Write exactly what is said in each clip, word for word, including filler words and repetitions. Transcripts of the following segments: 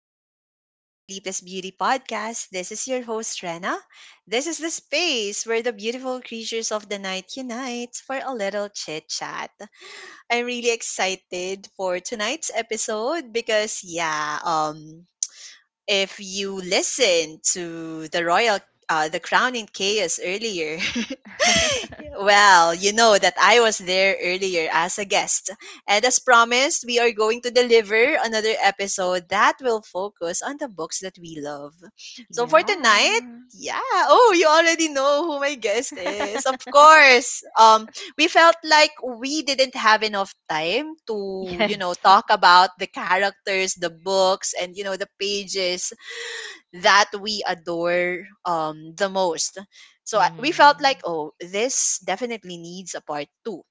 Welcome back to the Sleepless Beauty Podcast. This is your host, Rena. This is the space where the beautiful creatures of the night unite for a little chit chat. I'm really excited for tonight's episode because, yeah, um, if you listen to the royal uh, the crown in chaos earlier. Well, you know that I was there earlier as a guest, and as promised, we are going to deliver another episode that will focus on the books that we love. So for tonight, Yeah. yeah, oh, you already know who my guest is, of course. Um we felt like we didn't have enough time to, you know, Yes. talk about the characters, the books, and, you know, the pages that we adore, um, the most. So I- we felt Hmm. like, oh, this definitely needs a part two.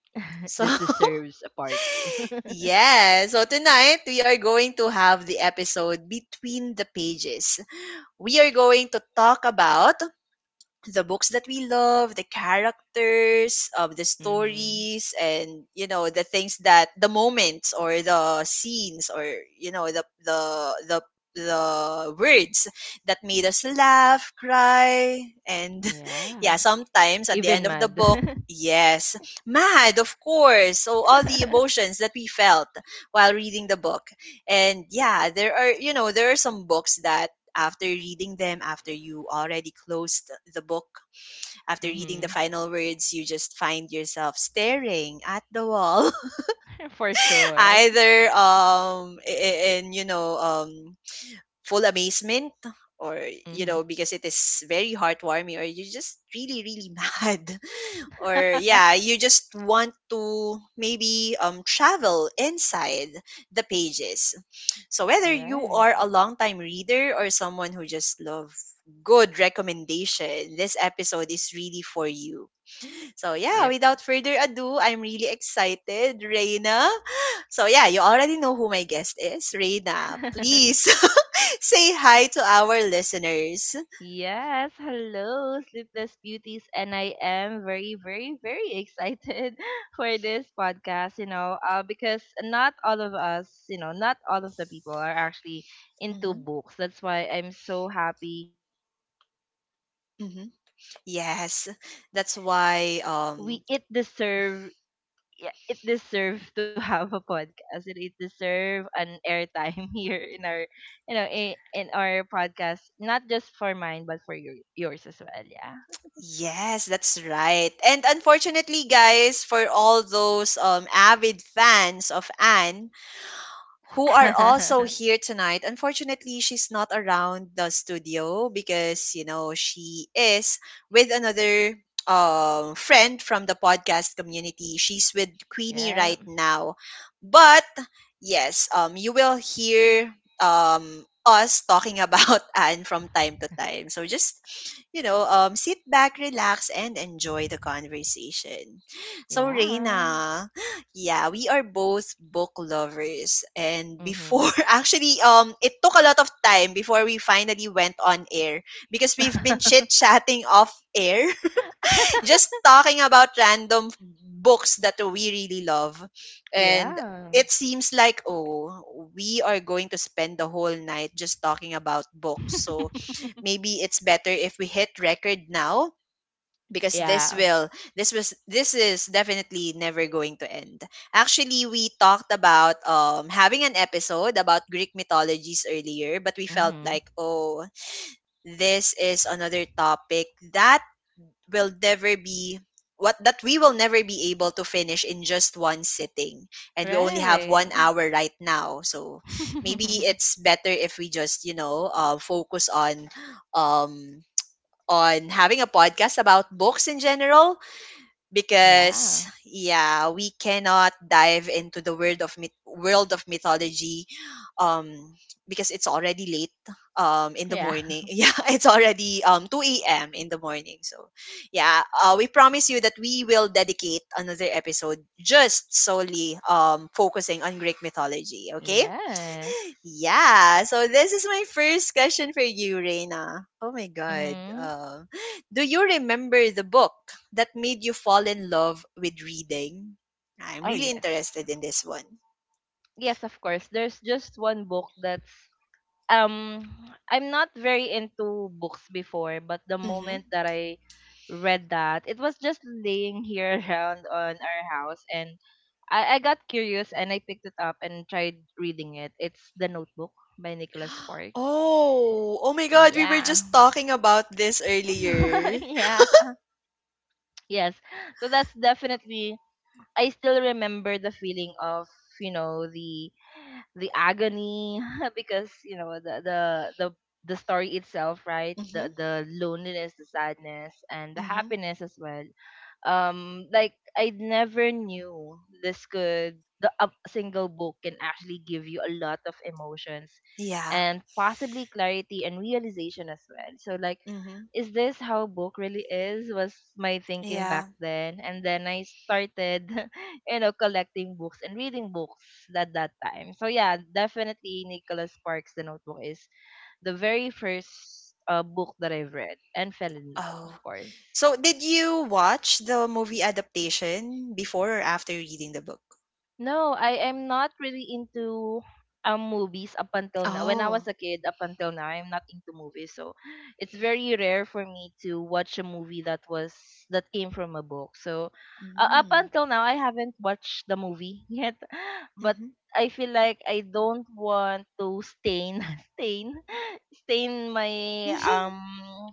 So, This deserves a part two. yeah. So tonight, we are going to have the episode Between the Pages. We are going to talk about the books that we love, the characters, um, the Mm-hmm. stories, and you know the things, that the moments or the scenes, or you know the the the the words that made us laugh, cry, and Yeah. yeah, sometimes at the end Even of the book, mad. yes, mad, of course. So all the emotions that we felt while reading the book. And yeah, there are, you know, there are some books that after reading them, after you already closed the book, after reading the Mm-hmm. final words, you just find yourself staring at the wall, For sure. either um i- i- in you know um full amazement, or you Mm-hmm. know, because it is very heartwarming, or you're just really, really mad, or All yeah, you just want to maybe um travel inside the pages. So whether you Right. are a long-time reader or someone who just love good recommendation, this episode is really for you. So yeah, Yep. without further ado, I'm really excited, Reina. So yeah, you already know who my guest is, Reina. Please say hi to our listeners. Yes, hello, Sleepless Beauties, and I am very, very, very excited for this podcast, you know, uh, because not all of us, you know, not all of the people are actually into Hmm. books. That's why I'm so happy that I known that you are Hmm. into books, and then Yes, I feel that's like why. we it Um, deserve yeah, it deserves to have a podcast and it deserves an airtime here in our, you know in, in our podcast, not just for mine but for your yours as well, yeah. yes, that's right. And unfortunately, guys, for all those um avid fans of Anne, who are also here tonight. Unfortunately, she's not around the studio because, you know, she is with another um, friend from the podcast community. She's with Queenie right Yeah, now. But yes, um, you will hear um, us talking about Anne from time to time. So just, you know, um, sit back, relax, and enjoy the conversation. So, yeah. Reina, yeah, we are both book lovers. And before, Mhm. actually, um, it took a lot of time before we finally went on air because we've been chit chatting off air, just talking about random books that we really love. And Yeah. it seems like, oh, we are going to spend the whole night just talking about books. So maybe it's better if we hit record now, because this Yeah. will this was this is definitely never going to end. Actually, we talked about um having an episode about Greek mythologies earlier, but we felt Mhm. like, oh, this is another topic that will never be what that we will never be able to finish in just one sitting, and we only have one Right. hour right now. So maybe it's better if we just, you know, uh, focus on um on having a podcast about books in general, because Yeah, yeah, we cannot dive into the world of myth- world of mythology, um because it's already late um in the yeah, morning. Yeah, it's already um two a.m. in the morning. So yeah, uh, we promise you that we will dedicate another episode just solely um focusing on Greek mythology, okay? yes. Yeah, so this is my first question for you, Reina. Oh my god. Mhm. Um, do you remember the book that made you fall in love with reading? I'm Oh, really yes, interested in this one. yes, of course there's just one book that's. um I'm not very into books before, but the Mm-hmm. moment that I read that, it was just laying here around on our house, and I, I got curious and I picked it up and tried reading it. It's The Notebook by Nicholas Sparks. Oh, oh my god, we were Yeah. just talking about this earlier. Yeah. Yes. So that's definitely. I still remember the feeling of, you know, the the agony, because you know the the the the story itself, right, Mm-hmm. the the loneliness, the sadness, and the Mm-hmm. happiness as well. Um like, I never knew this could the a single book can actually give you a lot of emotions, Yeah. and possibly clarity and realization as well. So, like, Mm-hmm. is this how book really is? Was my thinking back Yeah. then. And then I started you know collecting books and reading books at that time, so yeah, definitely Nicholas Sparks, The Notebook is the very first uh, book that I've read and fell in love, of Oh. course. So did you watch the movie adaptation before or after reading the book? No, I am not really into um movies up until now. When I was Oh. a kid, up until now, I'm not into movies. So it's very rare for me to watch a movie that was that came from a book. So uh, up until now, I haven't watched the movie yet, but Mm-hmm. I feel like I don't want to stain stain maintain my um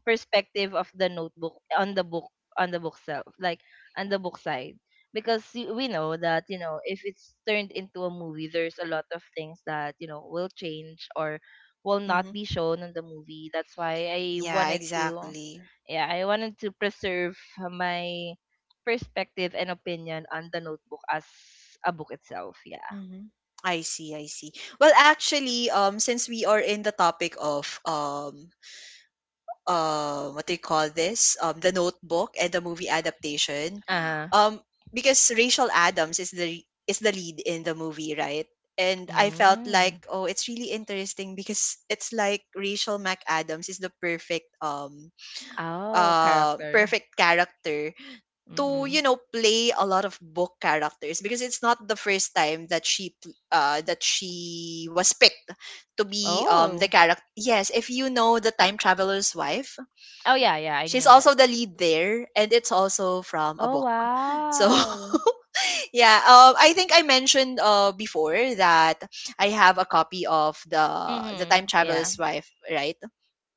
perspective of the notebook on the book on the book self like on the book side, because y- we know that, you know if it's turned into a movie, there's a lot of things that, you know will change or will not Mhm. be shown in the movie. That's why I Yeah, wanted to. exactly. Yeah, I wanted to preserve my perspective and opinion on the notebook as a book itself, yeah. Mhm. I see, I see. Well, actually, um, since we are in the topic of um, uh, what do you call this? Um, the Notebook and the movie adaptation, Uh-huh. um, because Rachel Adams is the is the lead in the movie, right? And I felt like, Mm. oh, it's really interesting because it's like Rachel McAdams is the perfect um Oh, uh character. perfect character to, Mm. you know, play a lot of book characters, because it's not the first time that she pl- uh that she was picked to be um the Oh. character. Yes, if you know The Time Traveler's Wife, Oh, yeah, yeah, I she's knew that. also the lead there, and it's also from a Oh, book. So wow. yeah, um I think I mentioned uh before that I have a copy of the The Time Mm-hmm. Yeah. Traveler's Wife, right?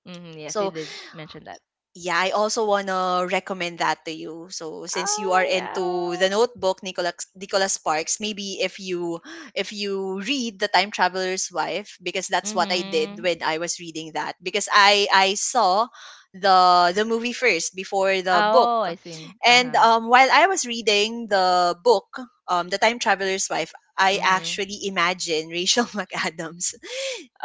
Mm-hmm. Yes, you So did mention that. yeah, I also wanna recommend that to you. So since you are Oh, into the yeah. notebook, Nicholas Nicholas Sparks, maybe if you if you read The Time Traveler's Wife, because that's what I did Mm-hmm. when I was reading that. Because I I saw the the movie first before the book. Oh, I see. And Uh-huh. um, while I was reading the book, um, The Time Traveler's Wife, I Mm-hmm. actually imagine Rachel McAdams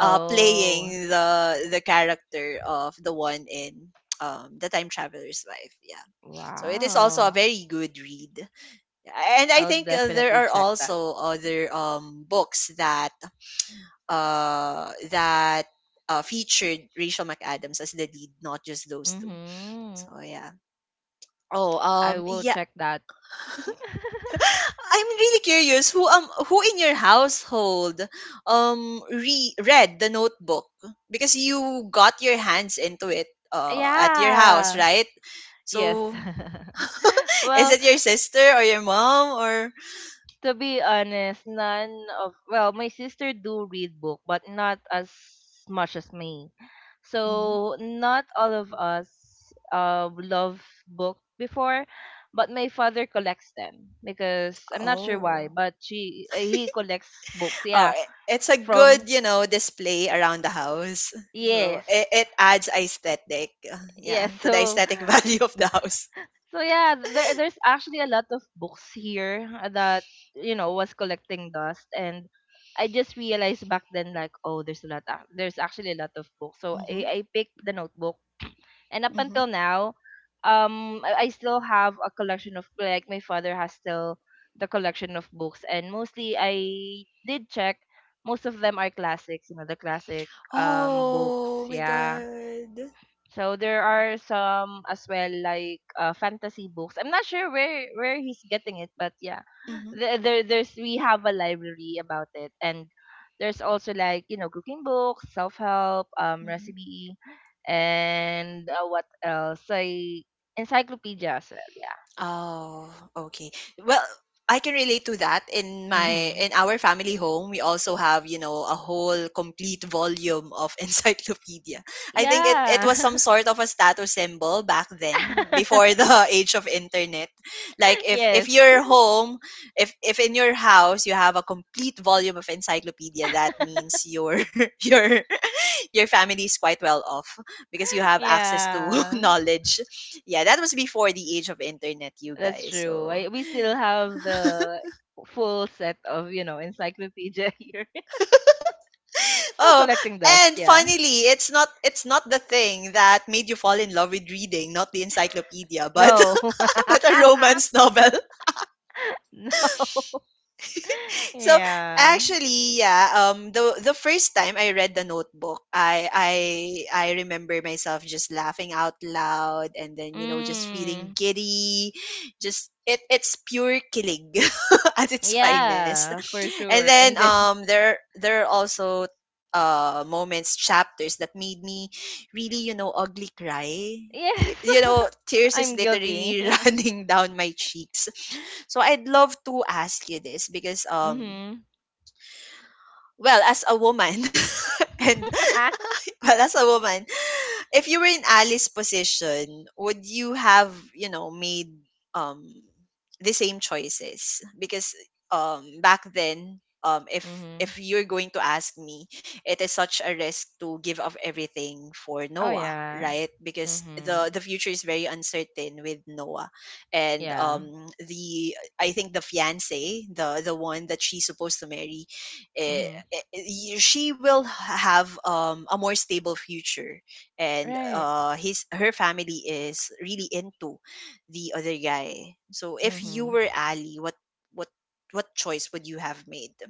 uh, playing the the character of the one in, um, The Time Traveler's Life. Yeah, so it is also a wow. very good read, and I I'll think, uh, there definitely are check that. also other um, books that uh, that uh, featured Rachel McAdams as the lead, not just those two. Mm-hmm. So yeah. Oh, I um, will yeah. check that. I'm really curious who um who in your household um re- read the notebook, because you got your hands into it uh at your house, Yeah. right? Yes. So is Well, it your sister or your mom, or to be honest, none of well, my sister do read book, but not as much as me. Mhm. So not all of us uh love book before, but my father collects them because I'm not sure why, Oh. but she uh, he collects books. Oh, Yeah, i- it's a good, from you know, display around the house. So it, yes, it adds aesthetic, uh, yeah, yes. to the So, aesthetic value of the house. So yeah, there there's actually a lot of books here that, you know was collecting dust, and I just realized back then, like, oh, there's a lot ac- there's actually a lot of books. So I Hmm. I picked the notebook, and up Hmm. until now, um I, I still have a collection of, like, my father has still the collection of books, and mostly I did check most of them are classics, you know, the classic um Oh books, my yeah. god. So there are some as well, like uh, fantasy books. I'm not sure where where he's getting it, but yeah, Hmm. there, there there's we have a library about it, and there's also, like, you know cooking books, self help, um, Hmm. recipe, and uh, what else? Like encyclopedia as well. Yeah. Oh, okay. Well, I can relate to that. In my Mm-hmm. in our family home, we also have, you know, a whole complete volume of encyclopedia. I think it it was some Yeah. sort of a status symbol back then before the age of internet. Like if if Yes. your home, if if in your house you have a complete volume of encyclopedia, that means you're you're, your family is quite well off, because you have access to Yeah. knowledge. Yeah, that was before the age of internet, you That's guys. true. So I, we still have the full set of, you know encyclopedia here. Still oh, collecting dust, and yeah. finally, it's not it's not the thing that made you fall in love with reading, not the encyclopedia, but No. but a romance novel. No. So Yeah. actually, yeah, um, the the first time I read the notebook, I I I remember myself just laughing out loud, and then you know, just feeling Mm. giddy. Just it it's pure killing at its finest. Yeah, for And sure. then And then um, there there are also uh moments, chapters that made me really, you know, ugly cry. Y- yes. You know, tears is I'm guilty. literally running down my cheeks. So I'd love to ask you this, because um Mhm. well, as a woman and well, as a woman, if you were in Ali's position, would you have, you know, made um the same choices? Because um back then, um if Mhm. if you're going to ask me, it is such a risk to give up everything for Oh, Noah, yeah. right? Because Mhm. the the future is very uncertain with Noah. And Yeah. um, the, I think the fiance, the the one that she's supposed to marry, eh, Mhm. i- i- she will have, um, a more stable future, and Right. uh, his her family is really into the other guy. So if you Mhm. were Ali, what what what choice would you have made?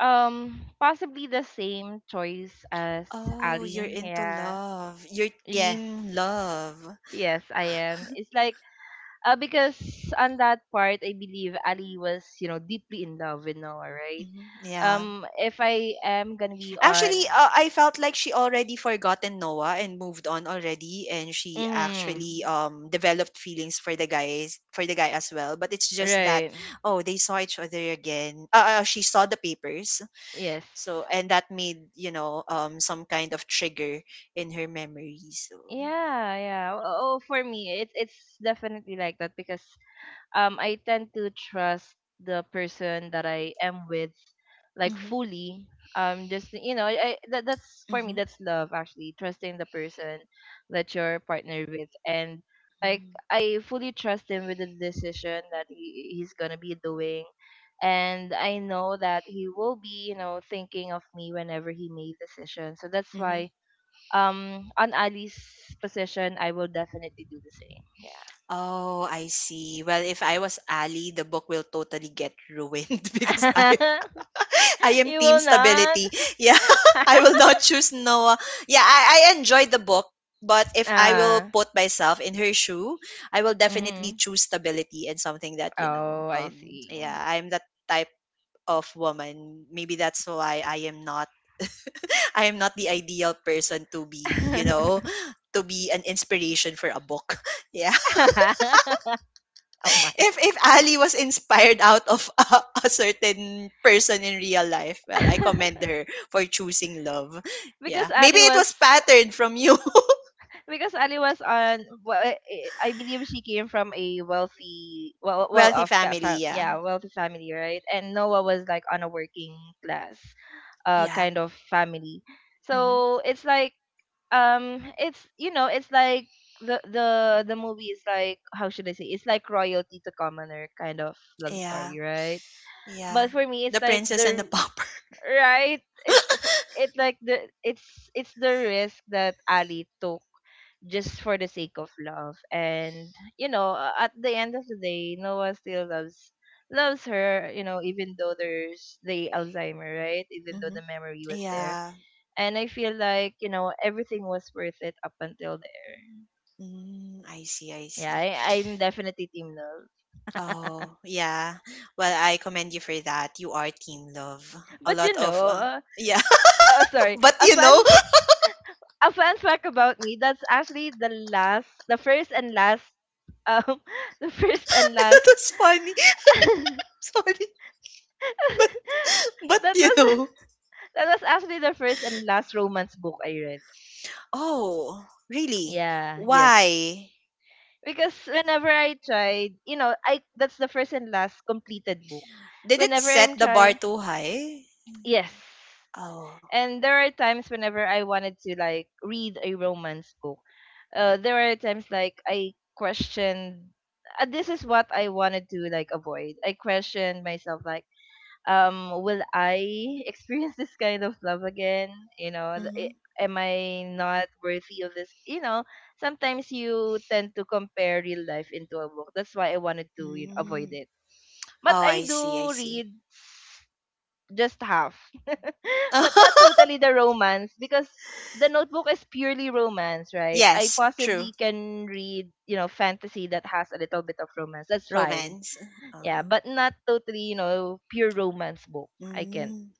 Um possibly the same choice as Oh, you're Ali. into Yeah. love, your Yes. team love. Yes, I am. It's like. Uh, because on that part, I believe Ali was, you know, deeply in love with Noah, right? Mhm. Yeah. Um, if I am gonna be on, Actually, uh, I felt like she already forgotten Noah and moved on already, and she actually mm, um, developed feelings for the guys for the guy as well. But it's just that right? oh, they saw each other again. Uh, uh, she saw the papers, Yes. so, and that made, you know, um, some kind of trigger in her memory. So. Yeah, yeah. Oh, oh, for me, it's it's definitely like that, because um I tend to trust the person that I am with, like, Mm-hmm, fully. Um just, you know I, I that, that's for me, mm-hmm, that's love, actually trusting the person that you're partnered with, and, like, I fully trust him with the decision that he, he's gonna be doing, and I know that he will be, you know thinking of me whenever he made decision. So that's mm-hmm. why, um on Ali's position, I will definitely do the same. Oh, I see. Well, if I was Ali, the book will totally get ruined because I Yeah. I am You team will not? stability. Yeah, I will not choose Noah. Yeah, I, I enjoyed the book, but if I will Ah. put myself in her shoe, I will definitely Mm. choose stability and something that, you know, Oh, I um, see. yeah, I'm that type of woman. Maybe that's why I am not, I am not the ideal person to be, you know, to be an inspiration for a book. Yeah. Oh my. if if Ali was inspired out of a, a certain person in real life, well, I commend her for choosing love. because Yeah, maybe Ali it was was patterned from you. because Ali was on well, I I believe she came from a wealthy well well Wealthy off family. fam- Yeah, yeah, wealthy family, right? And Noah was, like, on a working class uh yeah, kind of family. hmm, So it's like, um it's, you know it's like the the the movie is like, how should I say, it's like royalty to commoner kind of love yeah, story, right? yeah. But for me, The it's like princess and the the. pauper. Right. it, if- it like the it's it's the risk that Ali took, just for the sake of love, and, you know uh, at the end of the day, Noah still loves loves her, you know, even though there's the Alzheimer, right? Even though Hmm. the memory was there, Yeah. and I feel like, you know everything was worth it up until there. Mm, I see. I Yeah, see. I, I'm definitely Team Nils. Oh, yeah. Well, I commend you for that. You are team love. A But, you lot of know, um, uh, yeah, oh sorry, but a you fun know, f- a fun fact about me. That's actually the last, the first and last, um, the first and last. that's funny. that Sorry, but but was you know, that was actually the first and last romance book I read. oh, really? Yeah, yes. Why? Because whenever I tried, you know, I that's the first and last completed book. Did it Whenever I'm set the bar trying. too high? Yes. Oh. And there are times whenever I wanted to, like, read a romance book. Uh, there are times, like, I questioned, uh, this is what I wanted to, like, avoid. I questioned myself, like, um will I experience this kind of love again? You know, th- Mm-hmm. i- am I not worthy of this? You know, sometimes you tend to compare real life into a book. That's why I wanted to, you know, avoid Mm. it. But Oh, I I see, do I see. read just half, but not totally the romance, because the notebook is purely romance, right? I Yes, true. possibly can read, you know, fantasy that has a little bit of romance. That's fine. Romance. Yeah, Uh-huh. but not totally, you know, pure romance book. I can't. Mm.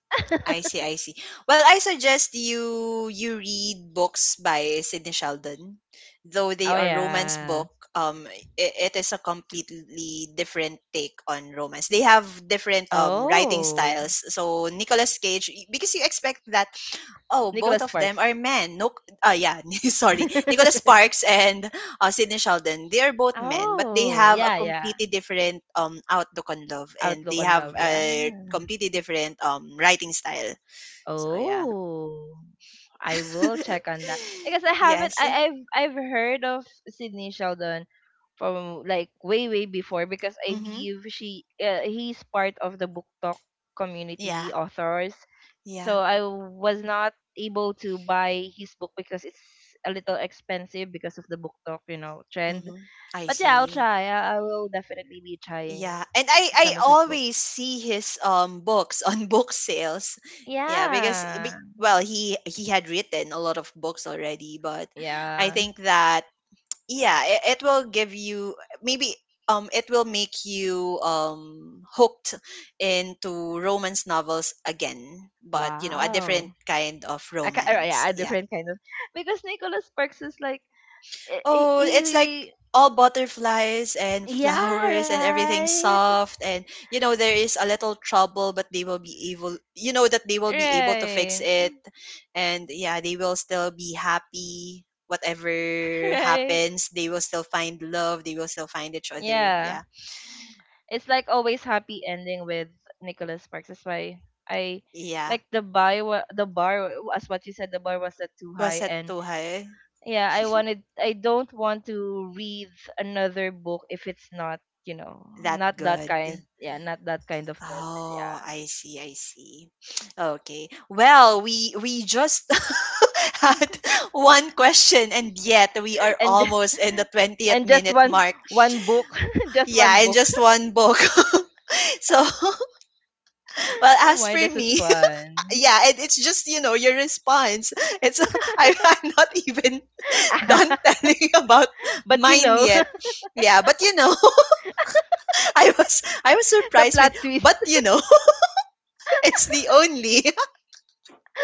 I see, I see. Well, I suggest you you read books by Sidney Sheldon, though Oh, they are romance yeah. book. Um, i- it is a completely different take on romance. They have different um writing Oh. styles. So Nicolas Cage, y- because you expect that oh, both Nicholas of them are Sparks. men. No, uh, yeah, sorry, Nicholas Sparks and uh, Sidney Sheldon, they are both men, but they Oh, have a yeah, yeah. completely different um outlook on love, and Outlook they on have love, yeah. a completely different um writing style. So yeah, Oh, I will check on that because I haven't. yes, I I've I've heard of Sydney Sheldon from, like, way way before, because I mm-hmm, believe she uh, he's part of the book talk yeah, community authors. So yeah, I was not able to buy his book because it's a little expensive because of the book talk, you know trend. mm-hmm. I But yeah, I'll see. try. I, I will definitely be trying Yeah, and I I some of his books. always see his um books on book sales. Yeah, because eh, Yeah. be- well, he he had written a lot of books already, but I Yeah. think that yeah it, it will give you maybe um it will make you um hooked into romance novels again, but you know, a different Wow. kind of a, ki- uh, romance, Yeah, a yeah. different kind of, because Nicholas Sparks is like, eh, eh, Oh, it's like he, all butterflies and yeah, flowers and everything right, soft, and you know there is a little trouble, but they will be able, you know, that they will be able right, to fix it, and yeah, they will still be happy. Whatever right, happens, they will still find love, they will still find each other, yeah. yeah. It's like always happy ending with Nicholas Sparks. That's why I, Yeah, like the buy wa- the bar wa- as what you said, the bar was set too was high, it and too high, yeah, I wanted I don't want to read another book if it's not, you know not that that good? kind, yeah, not that kind of level. Oh, Yeah. I see, I see. Okay, well, we we just had one question, and yet we are And almost in the twentieth and just minute one mark. one book just one Yeah, in book. just one book. So, well, Oh as my, for this is me, fun. yeah, it, it's just, you know, your response. It's I, I'm not even done telling about But, you mine know yet. Yeah, but you know, I was I was the surprised with, plot twist. but you know, it's the only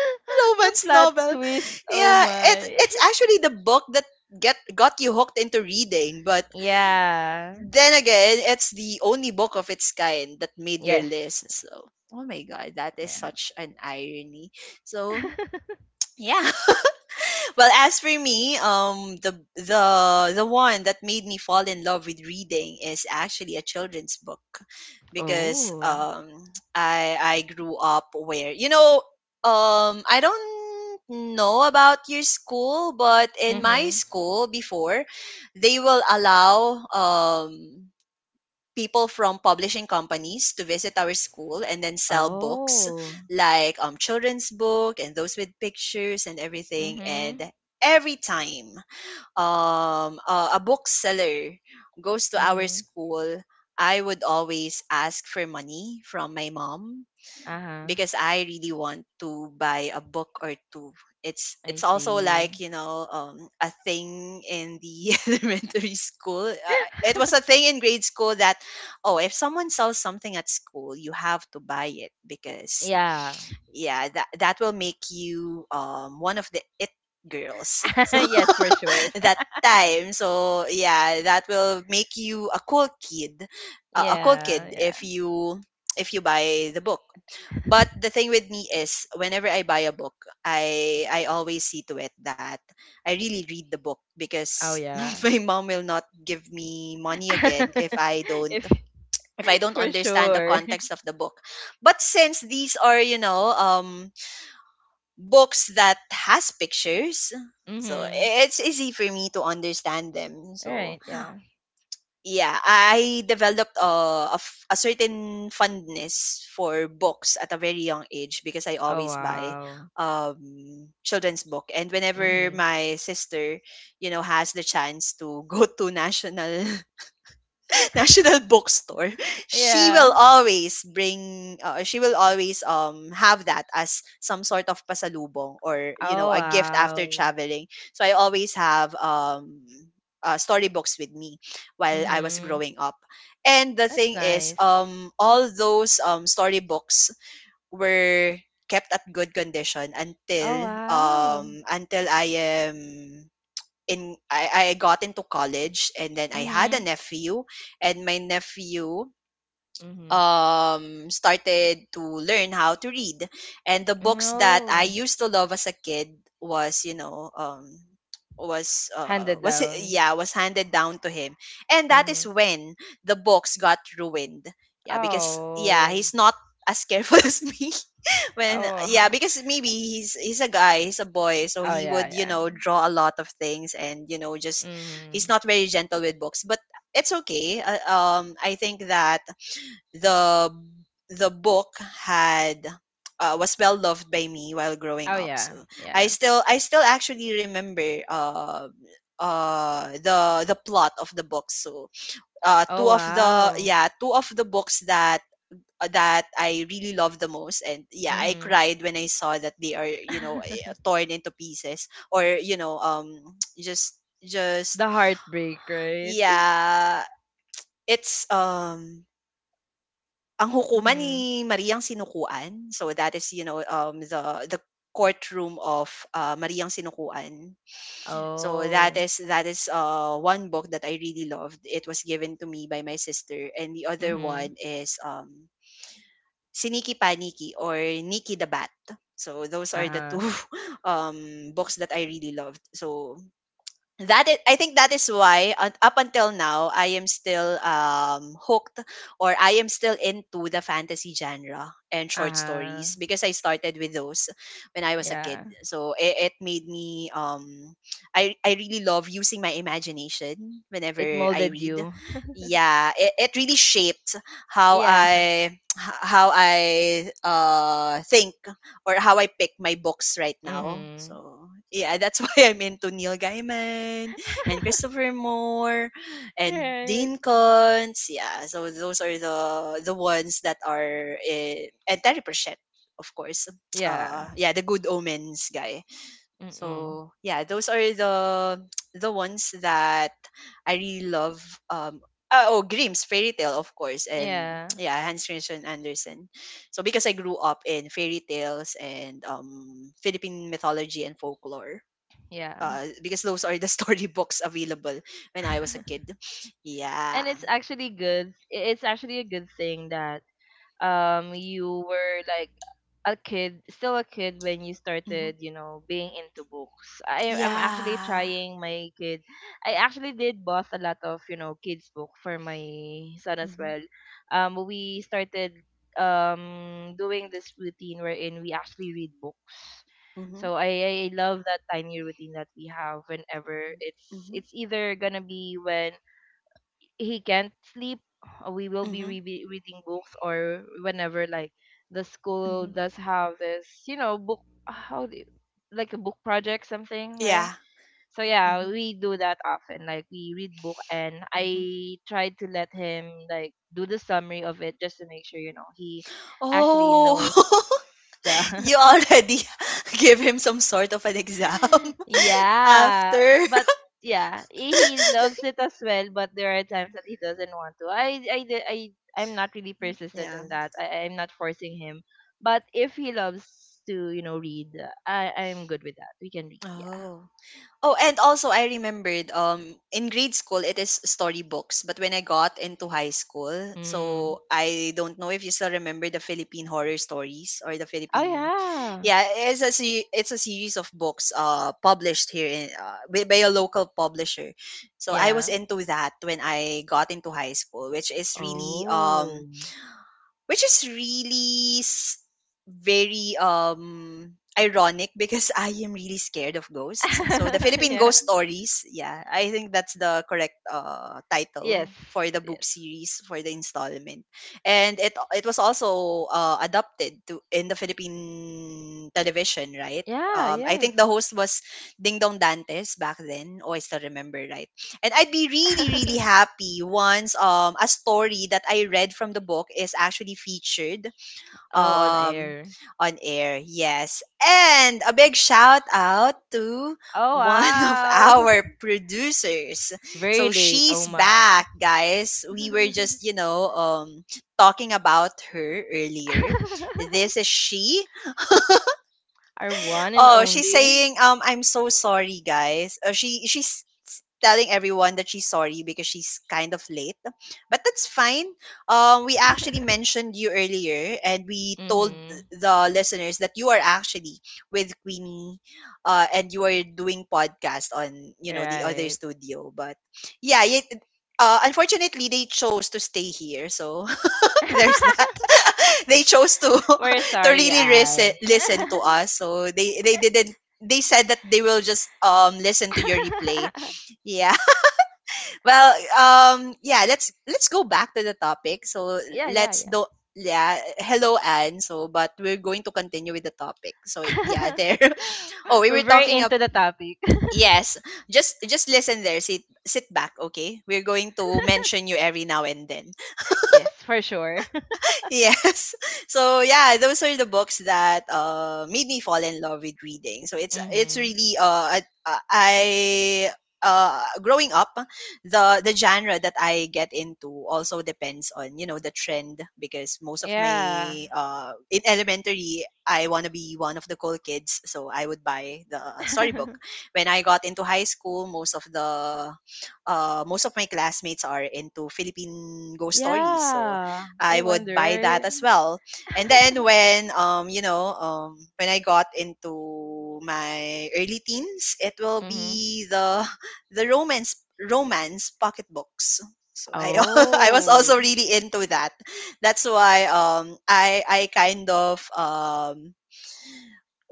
The romance plot novel. twist, oh Yeah, it, my. it's actually the book that get got you hooked into reading, but Yeah, then again, it's the only book of its kind that made your yes, list. So, oh my god, that is yeah. such an irony. So, yeah. Well, as for me, um the the the one that made me fall in love with reading is actually a children's book because Oh, um I I grew up where, you know, um I don't know about your school, but in my mm-hmm. school before, they will allow um people from publishing companies to visit our school and then sell books Oh, like um children's book and those with pictures and everything. mm-hmm. And every time um uh, a bookseller goes to our Hmm. school, I would always ask for money from my mom Uh-huh. because I really want to buy a book or two. It's I it's also see. like, you know, um, a thing in the elementary school. Uh, it was a thing in grade school that oh, if someone sells something at school, you have to buy it because Yeah. yeah, that that will make you um, one of the it girls. So Yes, for sure. that time. So yeah, that will make you a cool kid, uh, a cool Yeah, kid yeah. if you if you buy the book. But the thing with me is, whenever I buy a book, I I always see to it that I really read the book, Oh, because yeah. my mom will not give me money again if I don't if if I don't For understand the sure. context of the book. But since these are, you know, um books that has pictures, so Mm-hmm. it's easy for me to understand them. So Right. Yeah. yeah, I developed a, a, f- a certain fondness for books at a very young age because I Oh, always buy wow. um children's book. And whenever Mm-hmm. my sister, you know, has the chance to go to national National Bookstore, she will Yeah. always bring uh, she will always um have that as some sort of pasalubong, or you know, Oh, a gift after wow. traveling. So I always have um uh, storybooks with me while I was Mm-hmm. growing up. And the That's thing is, nice. um all those um storybooks were kept at good condition until Oh, wow. um until I am in I, I got into college, and then I had a Mm-hmm. nephew, and my nephew Mm-hmm. um started to learn how to read. And the books that I No. used to love as a kid was you know um was uh Handed was down. yeah was handed down to him, and that Mm-hmm. is when the books got ruined, yeah, because yeah, Oh. he's not as careful as me. Oh. When uh, yeah, Wow. because maybe he's he's a guy, he's a boy, so Oh, he yeah. would, you Yeah. know, draw a lot of things, and you know, just he's Mm-hmm. not very gentle with books. But it's okay, uh, um I think that the the book had uh, was well loved by me while growing Oh, up. So yeah. i Yeah. still I still actually remember uh uh the the plot of the book. So uh Oh, two of the, wow. yeah, two of the books that uh, that I really love the most. And yeah, I Mm-hmm. cried when I saw that they are, you know, eh, torn into pieces, or, you know, um, just, just, The heartbreak, right? yeah, it's, um, ang hukuman Mm-hmm. ni Mariang Sinukuan. So that is, you know, um, the, the courtroom of uh, Mariang Sinukuan. So that Oh. is that is uh one book that I really loved. It was given to me by my sister, and the other Mm-hmm. one is um Si Nikki Paniki, or Nicky the Bat. So those are the Uh-huh. two um, books that I really loved. So that is, I think that is why un- up until now I am still um hooked, or I am still into the fantasy genre and short Uh-huh. stories because I started with those when I was a kid. Yeah. So it, it made me um I I really love using my imagination whenever It I molded read. you. Yeah, it, it really shaped how Yeah. I h- how I uh think or how I pick my books right now. Mhm. So yeah, that's why I'm into Neil Gaiman and Christopher Moore and Right. Dean Kuntz. Yeah, so those are the the ones that are in, and Terry Pratchett, of course. Uh, Yeah. yeah, the Good Omens guy. Mm-mm. So yeah, those are the the ones that I really love. Um, oh, oh, Grimm's fairy tale, of course, and Yeah. yeah, Hans Christian Andersen. So because I grew up in fairy tales and um, Philippine mythology and folklore. Yeah. Uh, because those are the storybooks available when I was a kid. Yeah. And it's actually good. i- It's actually a good thing that, um you were, like, a kid, still a kid when you Hmm. started, you know, being into books. I I'm actually Yeah. trying my kid. I actually did bought a lot of, you know, kids book for my son as Hmm. well. Um we started um doing this routine wherein we actually read books. Hmm. So I I love that tiny routine that we have whenever it's Hmm. it's either going to be when he can't sleep, uh, we will be Hmm. re- reading books, or whenever like the school Hmm. does have this, you know, book how do you, like a book project something, right? Yeah. So yeah, Hmm. we do that often. Like we read book and Hmm. I try to let him like do the summary of it just to make sure you know he actually Oh. knows the You already gave him some sort of an exam yeah, after. but yeah, he he loves it as well. But there are times that he doesn't want to. I I di- I I'm not really persistent Yeah. in that. I I'm not forcing him. But if he loves to, you know, read, I I'm good with that. We can read. Yeah. Oh. Oh, and also I remembered um in grade school it is storybooks, but when I got into high school, Mm. so I don't know if you still remember the Philippine horror stories or the Oh Philippine. yeah. Yeah, it's a se- it's a series of books uh published here in uh, by, by a local publisher. So I was Yeah. into that when I got into high school, which is really um Oh. which is really s- very um ironic because I am really scared of ghosts. So the Philippine yeah. ghost stories, yeah, I think that's the correct uh Yes. title for the book Yes. series for the installment. And it it was also uh adopted to in the Philippine television, right? Yeah. Um, I think the Yes. host was Ding Dong Dantes back then. Oh, I still remember, right. And I'd be really, really happy once um a story that I read from the book is actually featured oh, on um air. on air. Yes. And a big shout out to Oh one of wow. our producers. Very So late. Oh she's my. back, guys. We were just, you know, um talking about her earlier. This is she. Our one and Oh, she's only. saying, um, I'm so sorry, guys. Uh, she she's telling everyone that she's sorry because she's kind of late. But that's fine. Um, we actually mentioned you earlier, and we told mhm. the listeners that you are actually with Queenie, uh, and you are doing podcast on, you know, the other Right. studio. But yeah, it, uh, unfortunately they chose to stay here, so there's that. They chose to We're to sorry, really listen Anne. listen to us, so they they didn't. They said that they will just um listen to your replay. Yeah. Well, um, yeah, let's let's go back to the topic. So yeah, yeah, let's yeah. do, yeah. Hello, Anne. So, but we're going to continue with the topic. So yeah, there. Oh, we We're were very talking up. into the topic. Yes, just just listen there. Sit sit back, okay? We're going to mention you every now and then. yes, for sure. Yes. So yeah, those are the books that uh made me fall in love with reading. So it's it's mhm. really uh I, I uh growing up the the genre that I get into also depends on you know the trend because most of my Yeah. uh in elementary I want to be one of the cool kids, so I would buy the storybook. When I got into high school, most of the uh, most of my classmates are into Philippine ghost stories. So yeah. I I would wonder. buy Right? that as well. And then when um you know um when I got into my early teens, it will mhm. be the the romance romance pocketbooks. So I I was Oh. also really into that. That's why um I I kind of um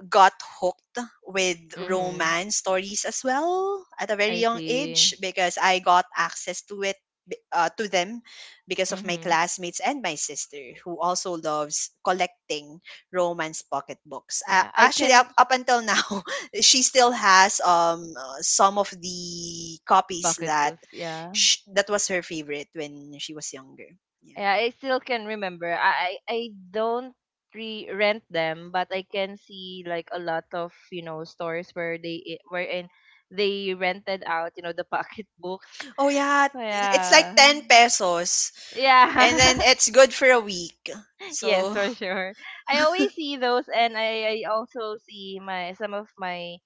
got hooked with Mhm. romance stories as well at a very I young age, see. because I got access to it b- uh, to them because of my Mhm. classmates and my sister, who also loves collecting romance pocketbooks. Uh, Yeah, I Actually, can up, up until now she still has um uh, some of the copies bucket that boots. Yeah. sh- that was her favorite when she was younger. Yeah. Yeah, I still can remember. I I I don't re rent them, but I can see like a lot of you know stores where they i- wherein they rented out, you know, the pocket books. Oh yeah, So it's like yeah, ten pesos and then yeah, it's good for a week. yes So for sure. I always see those, and I I also see my some of my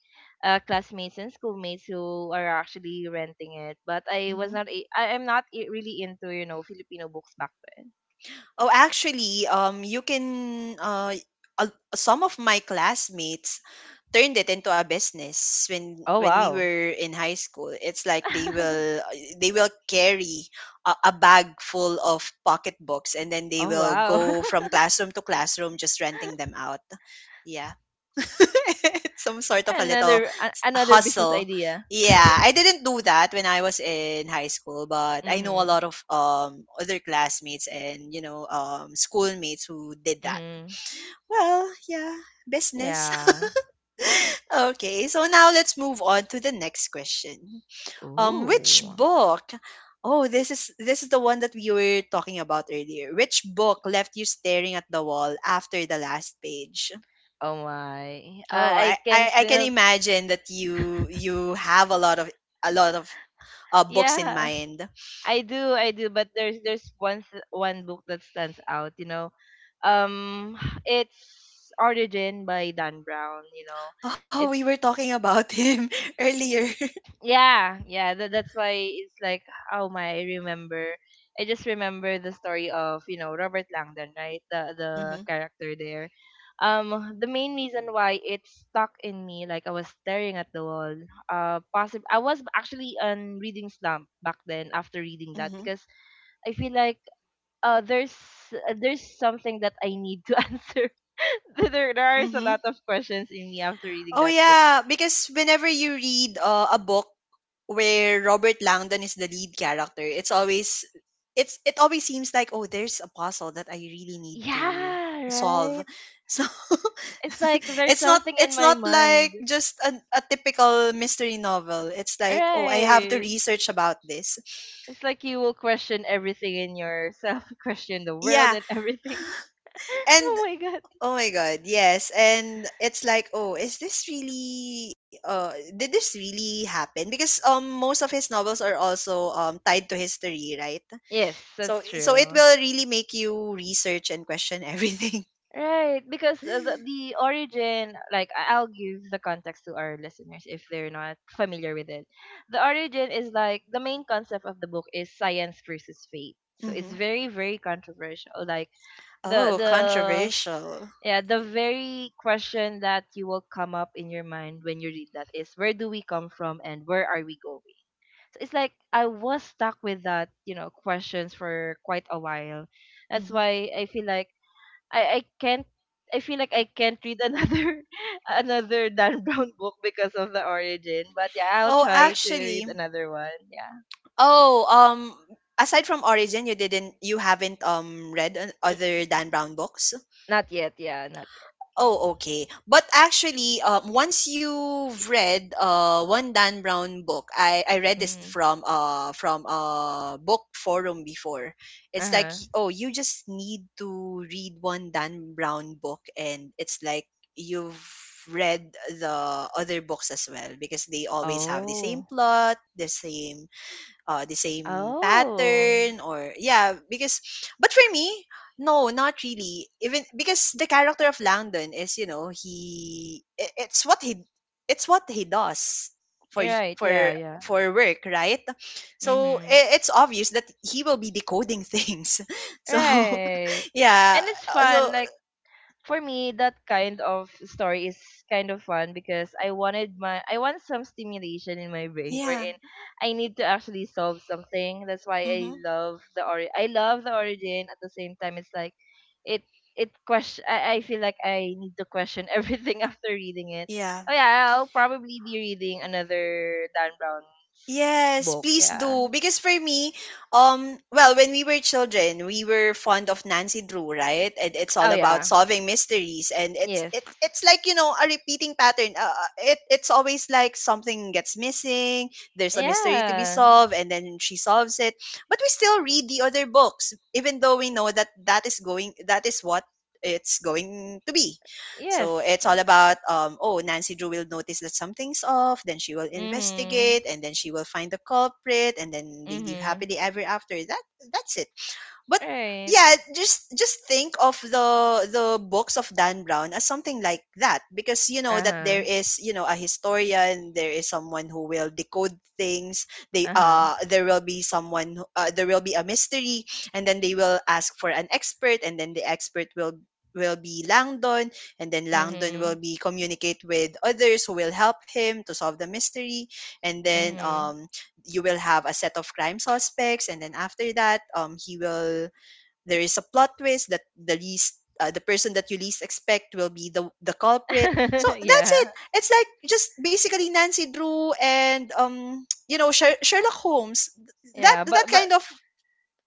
uh, classmates and schoolmates who are actually renting it. But I was mhm. not a- I am not i- really into, you know, Filipino books back then. Oh, actually, um, you can. Uh, uh, some of my classmates turned it into a business when Oh when we wow. were in high school. It's like they will they will carry a, a bag full of pocketbooks, and then they Oh will wow. go from classroom to classroom, just renting them out. Yeah, it's some sort of a little another a- another business hustle. idea. Yeah, I didn't do that when I was in high school, but I know a Mhm. lot of um other classmates and you know um schoolmates who did that. Mhm. Well, yeah, business. Yeah. Okay, so now let's move on to the next question. Um, which Ooh. book? Oh, this is this is the one that we were talking about earlier. Which book left you staring at the wall after the last page? Oh my. Uh, Oh, I, I I, can I can still imagine that you you have a lot of a lot of uh, books in Yeah. mind. I do, I do, but there's there's one th- one book that stands out, you know. Um it's Origin by Dan Brown, you know. Oh, It's we were talking about him earlier. yeah yeah that, that's why it's like oh my I remember I just remember the story of, you know, Robert Langdon, right? the the character there. um the main reason why it stuck in me like I was staring at the wall, uh possible I was actually on reading slump back then after reading hmm, that hmm, because I feel like uh there's uh, there's something that I need to answer. there there are a hmm. lot of questions in me after reading Oh that book. yeah, because whenever you read uh, a book where Robert Langdon is the lead character, it's always it's it always seems like, oh, there's a puzzle that I really need to Yeah, solve. right. So It's like there's it's not something in it's my not mind. like just a a typical mystery novel. It's like, oh, I have to Right. research about this. It's like you will question everything in yourself, question the world Yeah, and everything. and oh my god. oh my god, yes. And it's like, oh, is this really uh did this really happen? Because um most of his novels are also um tied to history, right? Yes, So that's so it true. will really make you research and question everything. Right, because uh, the, the origin, like I- I'll give the context to our listeners if they're not familiar with it. The origin is like the main concept of the book is science versus faith. So it's Hmm. very very controversial. Like the Oh, the controversial. Yeah, the very question that you will come up in your mind when you read that is where do we come from and where are we going? So it's like I was stuck with that, you know, questions for quite a while. That's Mhm. why I feel like I, I can't I feel like I can't read another another Dan Brown book because of the origin. But yeah, I'll Oh, try to actually. read another one. Yeah. Oh, um, aside from Origin, you didn't you haven't um read an- Y- other Dan Brown books? Not yet, yeah, not Oh, okay. But actually, um, once you've read uh, one Dan Brown book, I, I read yet. this Mm. from uh from a book forum before. It's like Uh-huh. y- oh, you just need to read one Dan Brown book, and it's like you've read the other books as well because they always have the Oh. same plot, the same uh, the same Oh. pattern, or yeah, because but for me, no, not really, even because the character of Langdon is, you know, he i- it's what he, it's what he does for You're right, yeah, for yeah. for work, right? So Mm-hmm. i- it's obvious that he will be decoding things. So Right. And yeah, it's uh, fun. so Like for me, that kind of story is kind of fun because I wanted my I want some stimulation in my brain yeah. wherein I need to actually solve something. That's why I Hmm. love the ori I love the origin. At the same time, it's like it it question I, I feel like I need to question everything after reading it. Yeah. Oh yeah, I'll probably be reading another Dan Brown's Yes, book. please Yeah. do. Because for me, um, well, when we were children, we were fond of Nancy Drew, right? And it's Oh all about yeah. solving mysteries, and it's Yes. it, it's like, you know, a repeating pattern. Uh, uh, it it's always like something gets missing. There's a mystery to be Yeah. solved, and then she solves it. But we still read the other books, even though we know that that is going that is what it's going to be. Yes. So it's all about, um, oh, Nancy Drew will notice that something's off, then she will Mhm. investigate, and then she will find the culprit, and then they live Mhm. happily ever after. That, that's it. But Right. yeah, just just think of the the books of Dan Brown as something like that, because you know that there Uh-huh. is, you know, a historian, there is someone who will decode things. They Uh-huh. uh there will be someone who- uh, there will be a mystery, and then they will ask for an expert, and then the expert will will be Langdon, and then Langdon will Mhm. be communicate with others who will help him to solve the mystery, and then Mhm. um, you will have a set of crime suspects, and then after that um, he will, there is a plot twist that the least uh, the person that you least expect will be the the culprit. So that's yeah. it. It's like just basically Nancy Drew and um, you know, Sher- Sherlock Holmes. Th- that, Yeah, that but kind but of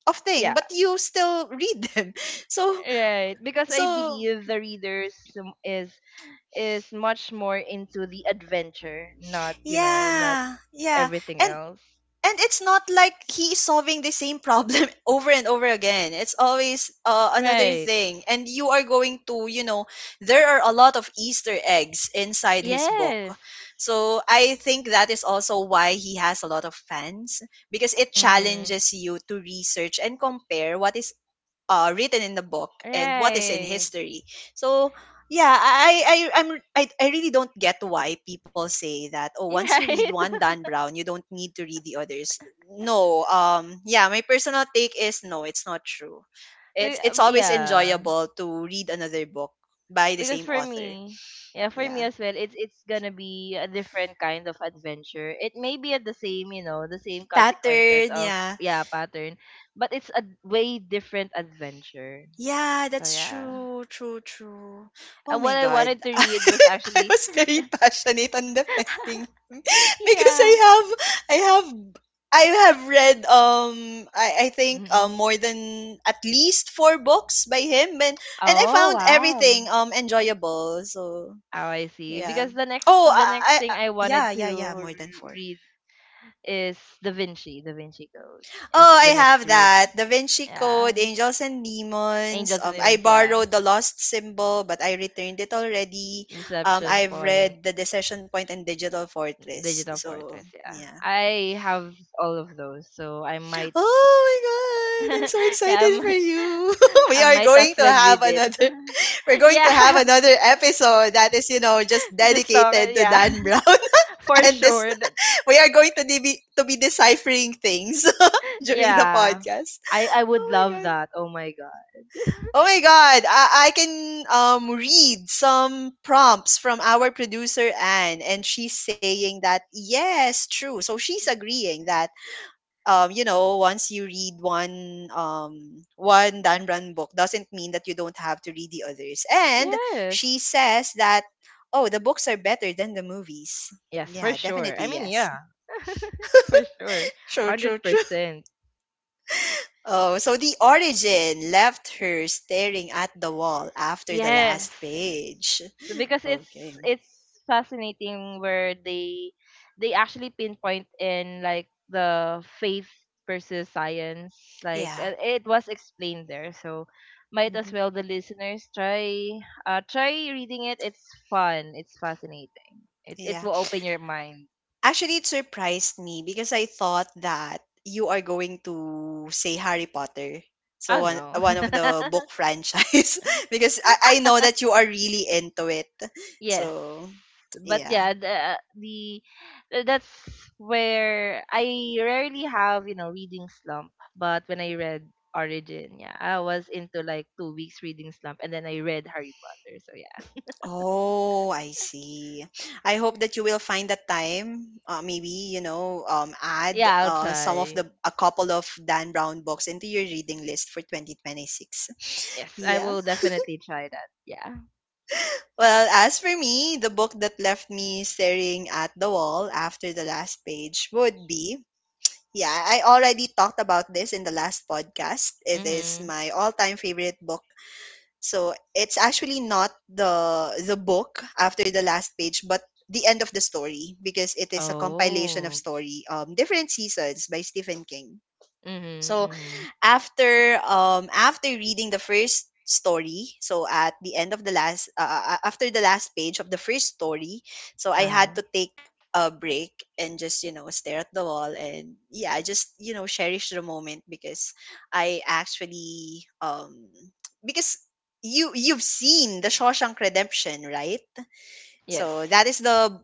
of thing, yeah, but you still read them. So right. Because I so believe the readers um, is is much more into the adventure, not, you know, not yeah, yeah, everything and else. and it's not like he's solving the same problem over and over again. It's always uh, another Right. thing, and you are going to, you know, there are a lot of easter eggs inside his book. Yes. So I think that is also why he has a lot of fans, because it Mhm. challenges you to research and compare what is uh, written in the book and what is in Right. history. So yeah, I I I- I'm I, I really don't get why people say that, oh, once you read Right. one Dan Brown, you don't need to read the others. No, um, yeah, my personal take is no, it's not true. It's We- it's always yeah. enjoyable to read another book by the Because same for author. me yeah for me Yeah. as well, it's it's gonna be a different kind of adventure. It may be at the same, you know, the same consequences Pattern, of yeah. yeah pattern, but it's a way different adventure. Yeah, So that's yeah true, true, true. Oh and what my I God. wanted to read was I actually was very passionate on defending him because I yeah. have I have I have read um I, I think uh Mm-mm. more than at least four books by him, and and I Oh found wow oh everything um, enjoyable. So I see yeah. because the next Oh, the I, I next I- thing I yeah, wanted yeah, to yeah, more r- than four. read is da vinci Da Vinci Code. Oh, It's the I next have read that. Da Vinci Code, yeah. Angels and Demons. Angels and Um, I Demons yeah. borrowed the Lost Symbol, but I returned it already. Um, Deception I've Point, read the Decision Point and Digital Fortress. Digital So Fortress. Yeah, yeah. I have all of those, so I might, Oh my god, I'm so yeah, I excited for might, you. We I are might going as to well have read it. another. We're going to have Yeah, another episode that is, you know, just just talk. dedicated to Yeah, Dan Brown. for And this, sure. that- we are going to de- be to be deciphering things during the Yeah, podcast. I I Oh would my love god. that. Oh my god. Oh my god, I, I can um, read some prompts from our producer Anne, and she's saying that yes, true. So she's agreeing that um, you know, once you read one um one Dan Brown book doesn't mean that you don't have to read the others. And she Yes, says that oh, the books are better than the movies. yes, for Yeah, sure. I definitely mean, yes. yeah, for sure, True, hundred true, true. percent. Oh, so the Origin left her staring at the wall after the Yes. last page. So because Okay. it's it's fascinating where they they actually pinpoint in like the faith versus science. Like Yeah. uh, it was explained there. So might as Mhm. well the listeners try uh try reading it. It's fun. It's fascinating. It it Yeah. will open your mind. Actually, it surprised me because I thought that you are going to say Harry Potter. So Oh one, no. one of the book franchise. Because I, I know that you are really into it. Yes. So But yeah. yeah, the, the uh, that's where I rarely have, you know, reading slump. But when I read Origin, yeah, I was into like two weeks reading slump and then I read Harry Potter. So yeah. Oh, I see. I hope that you will find the time, uh, maybe, you know, um, add Yeah, I'll uh, some of try. the, a couple of Dan Brown books into your reading list for twenty twenty-six. Yes, I Yeah. will definitely try that. Yeah. Well, as for me, the book that left me staring at the wall after the last page would be, yeah, I already talked about this in the last podcast. It is Mhm. my all-time favorite book. So, it's actually not the the book after the last page, but the end of the story, because it is a compilation of Oh. story um, different seasons by Stephen King. Mhm. So, Mhm. after um, after reading the first story, so at the end of the last uh, uh, uh, after the last page of the first story, so I had Uh-huh. to take a break and just, you know, stare at the wall and yeah, just, you know, cherish the moment because I actually um, because you you've seen the Shawshank Redemption, right? So Yes. that is the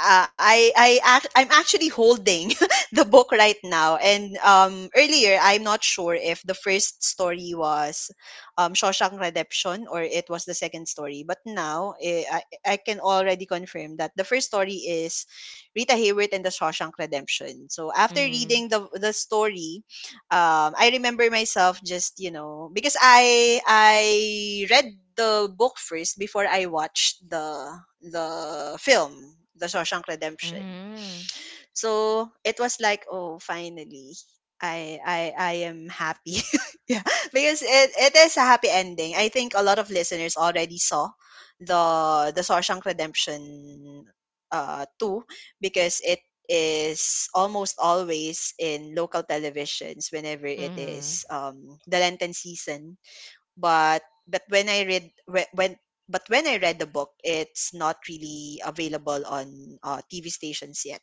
uh, I I act, I'm actually holding the book right now, and um, earlier I'm not sure if the first story was um, Shawshank Redemption or it was the second story, but now eh, I I can already confirm that the first story is Rita Hayworth and the Shawshank Redemption. So after Mhm. reading the the story um, I remember myself just, you know, because I I read the book first before I watched the the film, The Shawshank Redemption. Mhm. So it was like, oh, finally, I I I am happy. Yeah, because it, it is a happy ending. I think a lot of listeners already saw the the Shawshank Redemption uh two because it is almost always in local televisions whenever it Mhm. is um the Lenten season. But but when I read whe- when but when I read the book, it's not really available on uh, T V stations yet.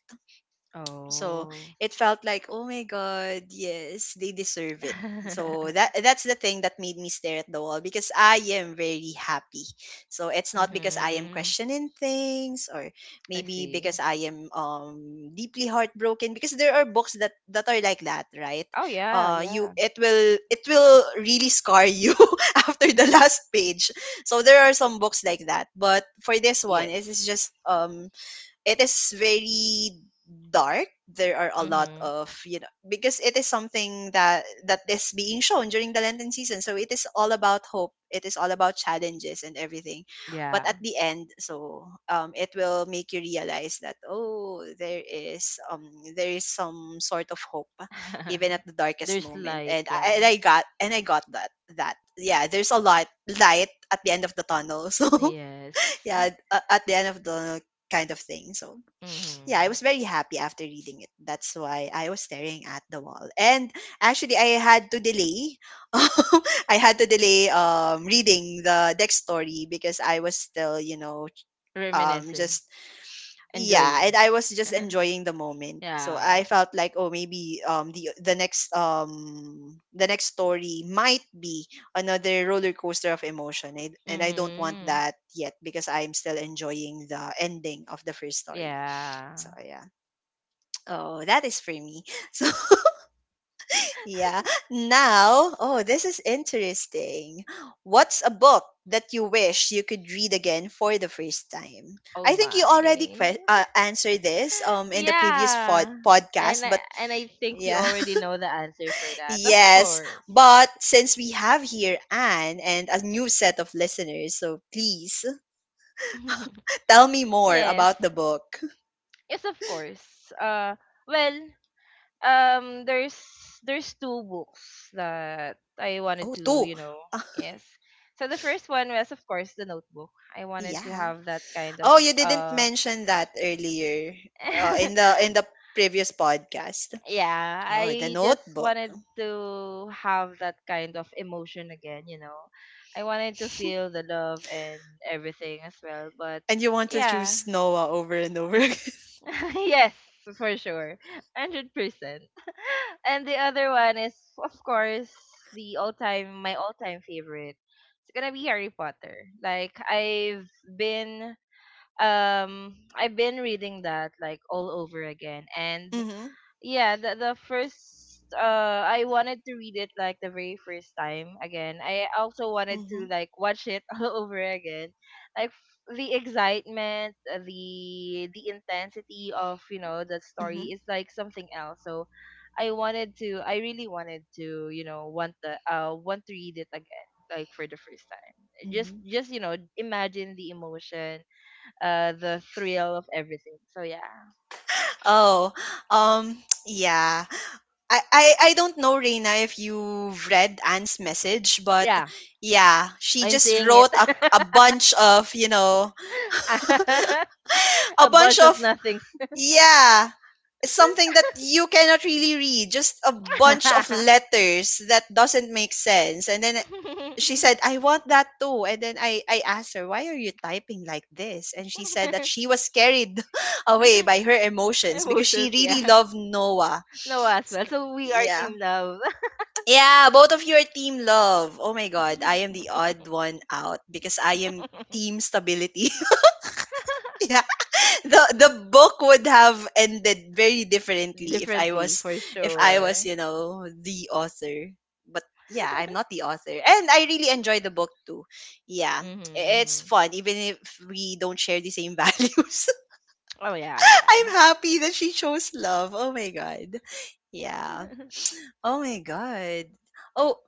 So Oh. it felt like, oh my god, yes, they deserve it. So that that's the thing that made me stare at the wall because I am very happy. So it's not because I am mhm. questioning things or I maybe see. because I am um deeply heartbroken because there are books that that are like that, right? Oh yeah, Uh you yeah. It will it will really scar you after the last page. So there are some books like that, but for this one it is just Yes. um it is very dark. There are a lot Mhm. of, you know, because it is something that that is being shown during the Lenten season, so it is all about hope, it is all about challenges and everything, but at Yeah. the end, so um it will make you realize that oh, there is um there is some sort of hope even at the darkest There's moment. light, And i, and yeah. I got and i got that that, yeah, there's a lot light at the end of the tunnel. So Yes. yeah, a- at the end of the kind of thing. So yeah, I Mhm. was very happy after reading it. That's why I was staring at the wall. And actually, I had to delay. I had to delay um, reading the next story because I was still, you know, um, Reminiscing, just yeah, enjoying. and I was just enjoying the moment. So I Yeah. felt like, oh, maybe um, the the next um, the next story might be another roller coaster of emotion, and, and I don't want Mhm. that yet because I'm still enjoying the ending of the first story. So Yeah. yeah. Oh, that is for me. So, yeah. Now, oh, this is interesting. What's a book that you wish you could read again for the first time? Oh I think you already my. que- uh, answered this um in the previous pod- Yeah. podcast, And I, but and I think you yeah. already know the answer for that. Of Yes, course. but since we have here Anne and a new set of listeners, so please tell me more yes. about the book. Yes, of course. Uh well, um there's there's two books that I wanted Oh, to, two. you know, Ah, yes. So the first one was of course the notebook. I wanted to yeah. have that kind of Oh, you didn't uh mention that earlier uh, in the in the previous podcast. yeah, Oh, the I just Notebook, wanted to have that kind of emotion again, you know. I wanted to feel the love and everything as well, but and you want to yeah, choose Noah over and over again. yes, for sure. one hundred percent. And the other one is, of course, the all-time, my all-time favorite. It's gonna be Harry Potter. Like, I've been, um, I've been reading that, like, all over again. And Mm-hmm, yeah the the first uh I wanted to read it like the very first time again. I also wanted mm-hmm, to like watch it all over again. Like f- the excitement, uh, the the intensity of, you know, the story mm-hmm, is like something else. So I wanted to I really wanted to, you know, want the uh want to read it again like for the first time. Just mm-hmm. just, you know, imagine the emotion, uh the thrill of everything. So yeah. Oh, um, yeah. I, I I don't know, Reina, if you've read Anne's message, but Yeah, yeah, she I'm just seeing it. wrote a a bunch of, you know, a a bunch bunch of of, nothings. yeah, something that you cannot really read, just a bunch of letters that doesn't make sense. And then she said, I want that too. And then i i asked her, why are you typing like this? And she said that she was carried away by her emotions because she Emotions, really yeah. loved Noah. No, as S- well. So we are yeah, team love. yeah, both of you are team love. Oh my god, I am the odd one out because I am team stability. the the book would have ended very differently if I Differently, was, for if I was, sure. you know, the author. But yeah, I'm not the author, and I really enjoy the book too. Yeah, hmm i- it's hmm. fun even if we don't share the same values. Oh yeah, yeah. I'm happy that she chose love. Oh my god. Yeah. Oh my god. Oh,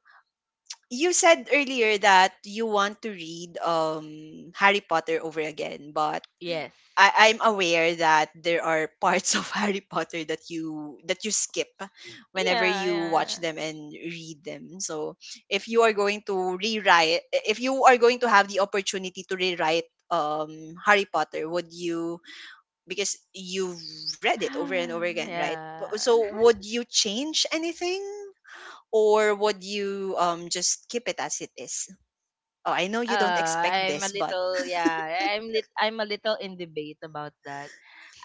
you said earlier that you want to read um Harry Potter over again, but Yes. I, I'm aware that there are parts of Harry Potter that you that you skip whenever you watch Yeah, them and read them. So if you are going to rewrite if you are going to have the opportunity to rewrite um Harry Potter, would you, because you've read it over and over yeah. again, right? Bu- yeah. So would you change anything? Or would you um just keep it as it is? Oh, I know you don't expect Uh, I'm a this, but little, yeah, I'm lit, I'm a little in debate about that.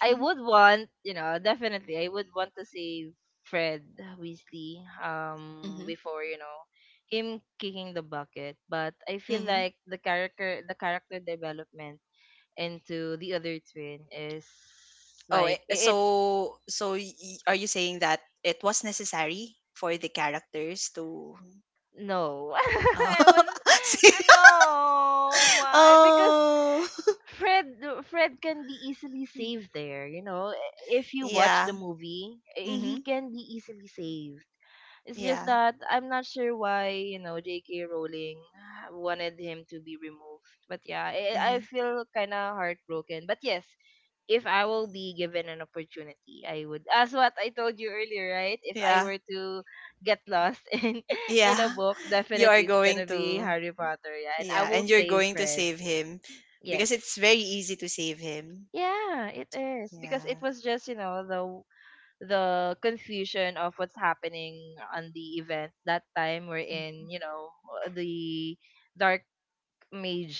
I would want, you know, definitely, I would want to save Fred Weasley, um, Mhm. before you know, him kicking the bucket. But I feel Mhm. like the character, the character development into the other twin is Oh, it, like i- it's so so y- y- are you saying that it was necessary for the characters to no, uh, I was, say, no, why? Because oh. Fred Fred can be easily saved there, you know. If you watch Yeah. the movie, eh, he Mm-hmm. can be easily saved. It's just Yeah. that I'm not sure why, you know, J K. Rowling wanted him to be removed. But yeah, I, I Mm-hmm. feel kind of heartbroken. But yes, if I will be given an opportunity, I would. As what I told you earlier, right? If I Yeah, were to get lost in in a yeah, book, you are definitely it's going gonna be to, Harry Potter. Yeah, and I yeah, will and you're save going to Fred. save him Yes. because it's very easy to save him. Yeah, it is because it Yeah. was just you know the w- the confusion of what's happening on the event that time we're in, Mhm. you know, uh, the dark mage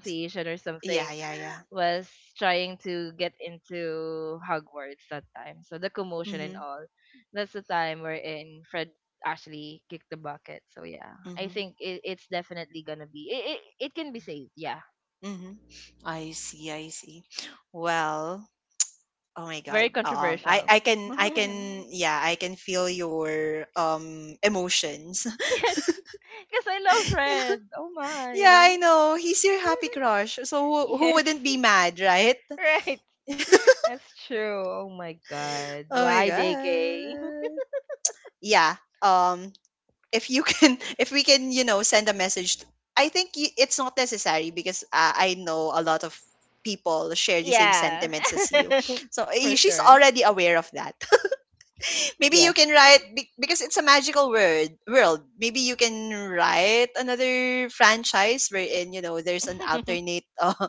S- or yeah, something yeah, yeah. was trying to get into Hogwarts that time, so the commotion and Mm-hmm. all that's the time we're in Fred actually kicked the bucket. So yeah, I Mm-hmm. think it, it's definitely gonna be it, it, it can be saved yeah Mm-hmm. I see, I see. Well, oh my god. very Um I controversial. I can, I can, yeah, I can feel your um emotions. Yes, because I love red. Oh my. Yeah, I know. He's your happy crush. So who, who Yes, wouldn't be mad, right? right. That's true. Oh my god. Oh my Why, J K? god. Yeah. Um if you can, if we can, you know, send a message t- I think y- it's not necessary because uh, I know a lot of people share the same Yeah, sentiments as you. So eh, for she's sure. already aware of that. Maybe you Yes. can write be- because it's a magical word world. Maybe you can write another franchise wherein, you know, there's an alternate uh,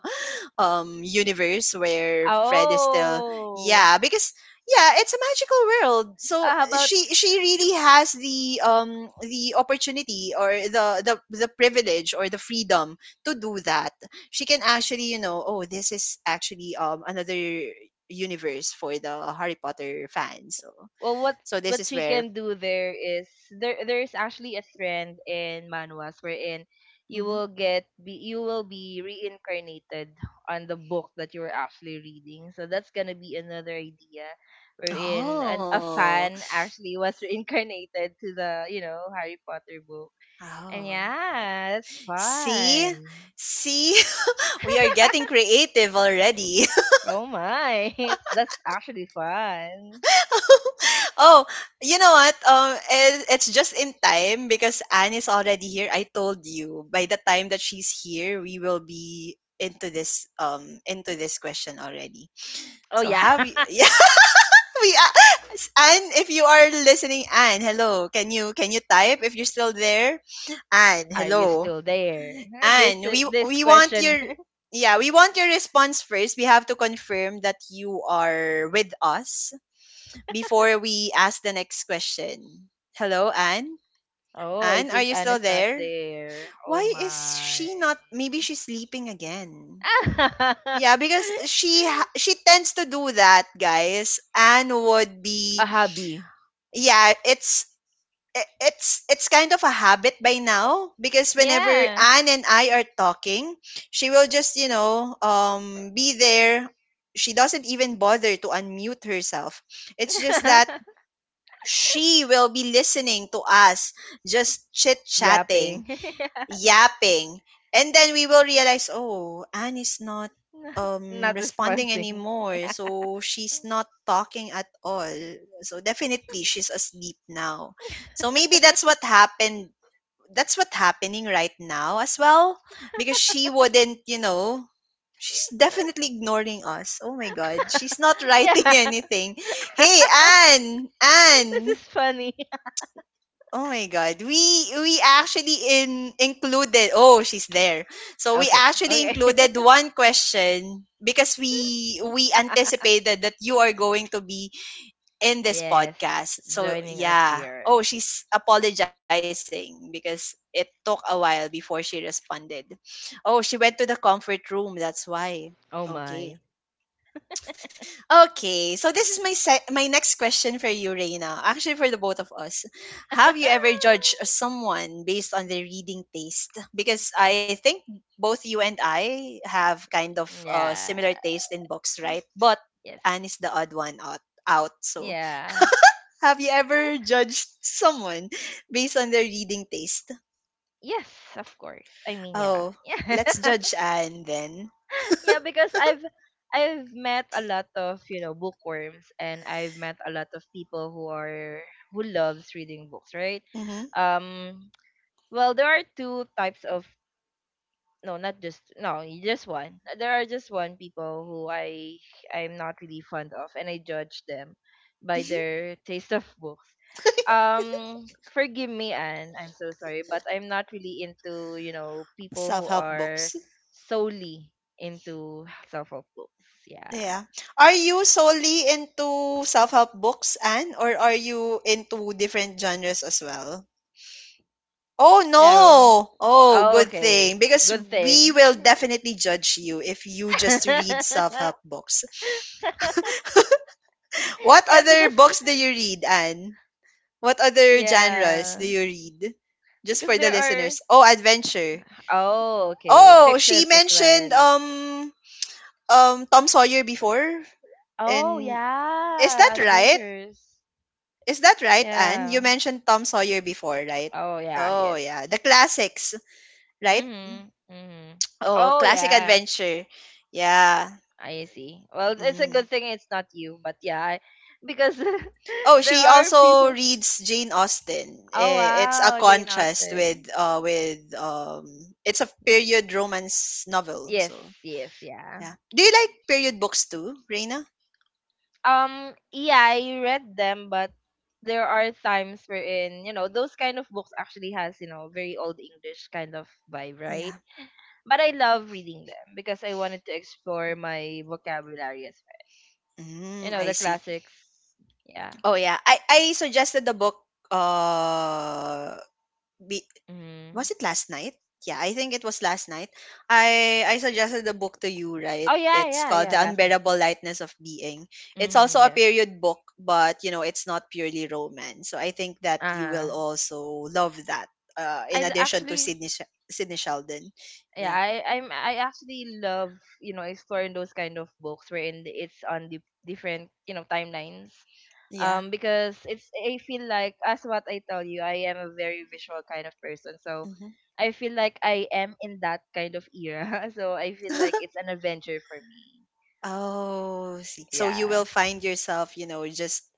um universe where Fred is still, Oh, yeah, because yeah, it's a magical world. So uh, how uh, about, she she really has the um the opportunity or the the the privilege or the freedom to do that. She can actually, you know, oh, this is actually um another universe for the Harry Potter fans. So well, what so this what is she where can do there is there there is actually a trend in manuals wherein you hmm. will get be you will be reincarnated on the book that you were actually reading, so that's gonna be another idea wherein an, a Oh, fan actually was reincarnated to the you know Harry Potter book. And oh. yeah, that's See, fun. see, we are getting creative already. Oh my. it's, that's actually fun. Oh, you know what? Um, it, it's just in time because Anne is already here. I told you by the time that she's here, we will be into this um into this question already. Oh So yeah. have you? Yeah, we a- Anne, if you are listening, Anne, hello. Can you can you type if you're still there? Anne, Are you hello. still there? Huh? This Anne, we this we want question. your, yeah, we want your response first. We have to confirm that you are with us before we ask the next question. Hello, Anne. Oh, I Anne, are think you Anne still is not there? there. Oh Why is my. she not? Maybe she's sleeping again. Yeah, because she ha- she tends to do that, guys. Anne would A be, hobby. yeah. It's i- it's it's kind of a habit by now because whenever Yeah. Anne and I are talking, she will just, you know, um be there. She doesn't even bother to unmute herself. It's just that she will be listening to us just chit-chatting, Yapping. yapping, and then we will realize, oh, Anne is not not, um not responding responding. anymore. So she's not talking at all. So definitely she's asleep now. So maybe that's what happened, that's what happening right now as well, because she wouldn't, you know, she's definitely ignoring us. Oh my god, she's not writing Yeah. anything. Hey Anne, This Anne. is funny. Oh my God. We we actually in included, oh, she's there. So we Okay. actually Okay. included one question because we we anticipated that you are going to be in this Yes. podcast. So Joining us yeah. here. Oh, she's apologizing because it took a while before she responded. Oh, she went to the comfort room. That's why. Oh my. Okay. Okay, so this is my se- my next question for you, Reina. Actually, for the both of us, have you ever judged someone based on their reading taste? Because I think both you and I have kind of uh, Yeah. similar taste in books, right? But Yes. Anne is the odd one out. Out. So, Yeah. have you ever judged someone based on their reading taste? Yes, of course. I mean, yeah. Oh, let's Yeah. judge Anne then. Yeah, because I've I've met a lot of, you know, bookworms, and I've met a lot of people who are who loves reading books, right? Mm-hmm. Um well, there are two types of, no, not just, no, y- just one. Uh, There are just one people who I I'm not really fond of, and I judge them by their taste of books. Um, forgive me, Anne. I'm so sorry, but I'm not really into you know people Self who help are books. solely into self-help books. Yeah, Yeah. Are you solely into self-help books, Anne, or are you into different genres as well? Oh yeah. Well, no! Oh, oh, good thing, okay. because Good we thing. will definitely judge you if you just read self-help books. What yeah, other because books do you read, Anne? What other genres do yeah, you read? Just because for the there are. listeners. Oh, adventure. Oh, okay. Oh, she Fictions as mentioned well. um um Tom Sawyer before, Oh, and is that yeah. right? Adventures. Is that right, Anne? You Yeah. mentioned Tom Sawyer before, right? Oh, yeah. Oh, yeah. The Yes. classics, right? Mhm. Mhm. Oh, Oh, classic yeah. adventure. Yeah. I see. Well, it's a good Mm. thing it's not you, but yeah, I- because Oh, there she are also people. reads Jane Austen. Oh, Eh, it's a wow, Jane contrast Austen. with uh with um it's a period romance novel. Yes, So, yes, yeah. yeah. Do you like period books too, Reina? Um, yeah, I read them, but there are times wherein you know those kind of books actually has you know very old English kind of vibe, right? Yeah. But I love reading them because I wanted to explore my vocabulary as well. You Mm, know, I the see. classics. Yeah. Oh yeah. I I suggested the book uh be, Hmm. was it last night? Yeah, I think it was last night. I I suggested the book to you, right? Oh, yeah, It's yeah, called yeah. The Last night. Unbearable Lightness of Being. It's also Hmm. a Yes. period book, but you know, it's not purely romance. So I think that you Uh, will also love that. Uh, I in l- addition to actually, Sydney Sh- Sydney Sheldon. yeah, Yeah. I, I'm, I actually love, you know, exploring those kind of books wherein it's on the different, you know, timelines. Yeah. Um because it's I feel like, as what I tell you, I am a very visual kind of person, so Hmm. I feel like I am in that kind of era. So I feel like it's an adventure for me. Oh, see. So you will Yeah. find yourself, you know, just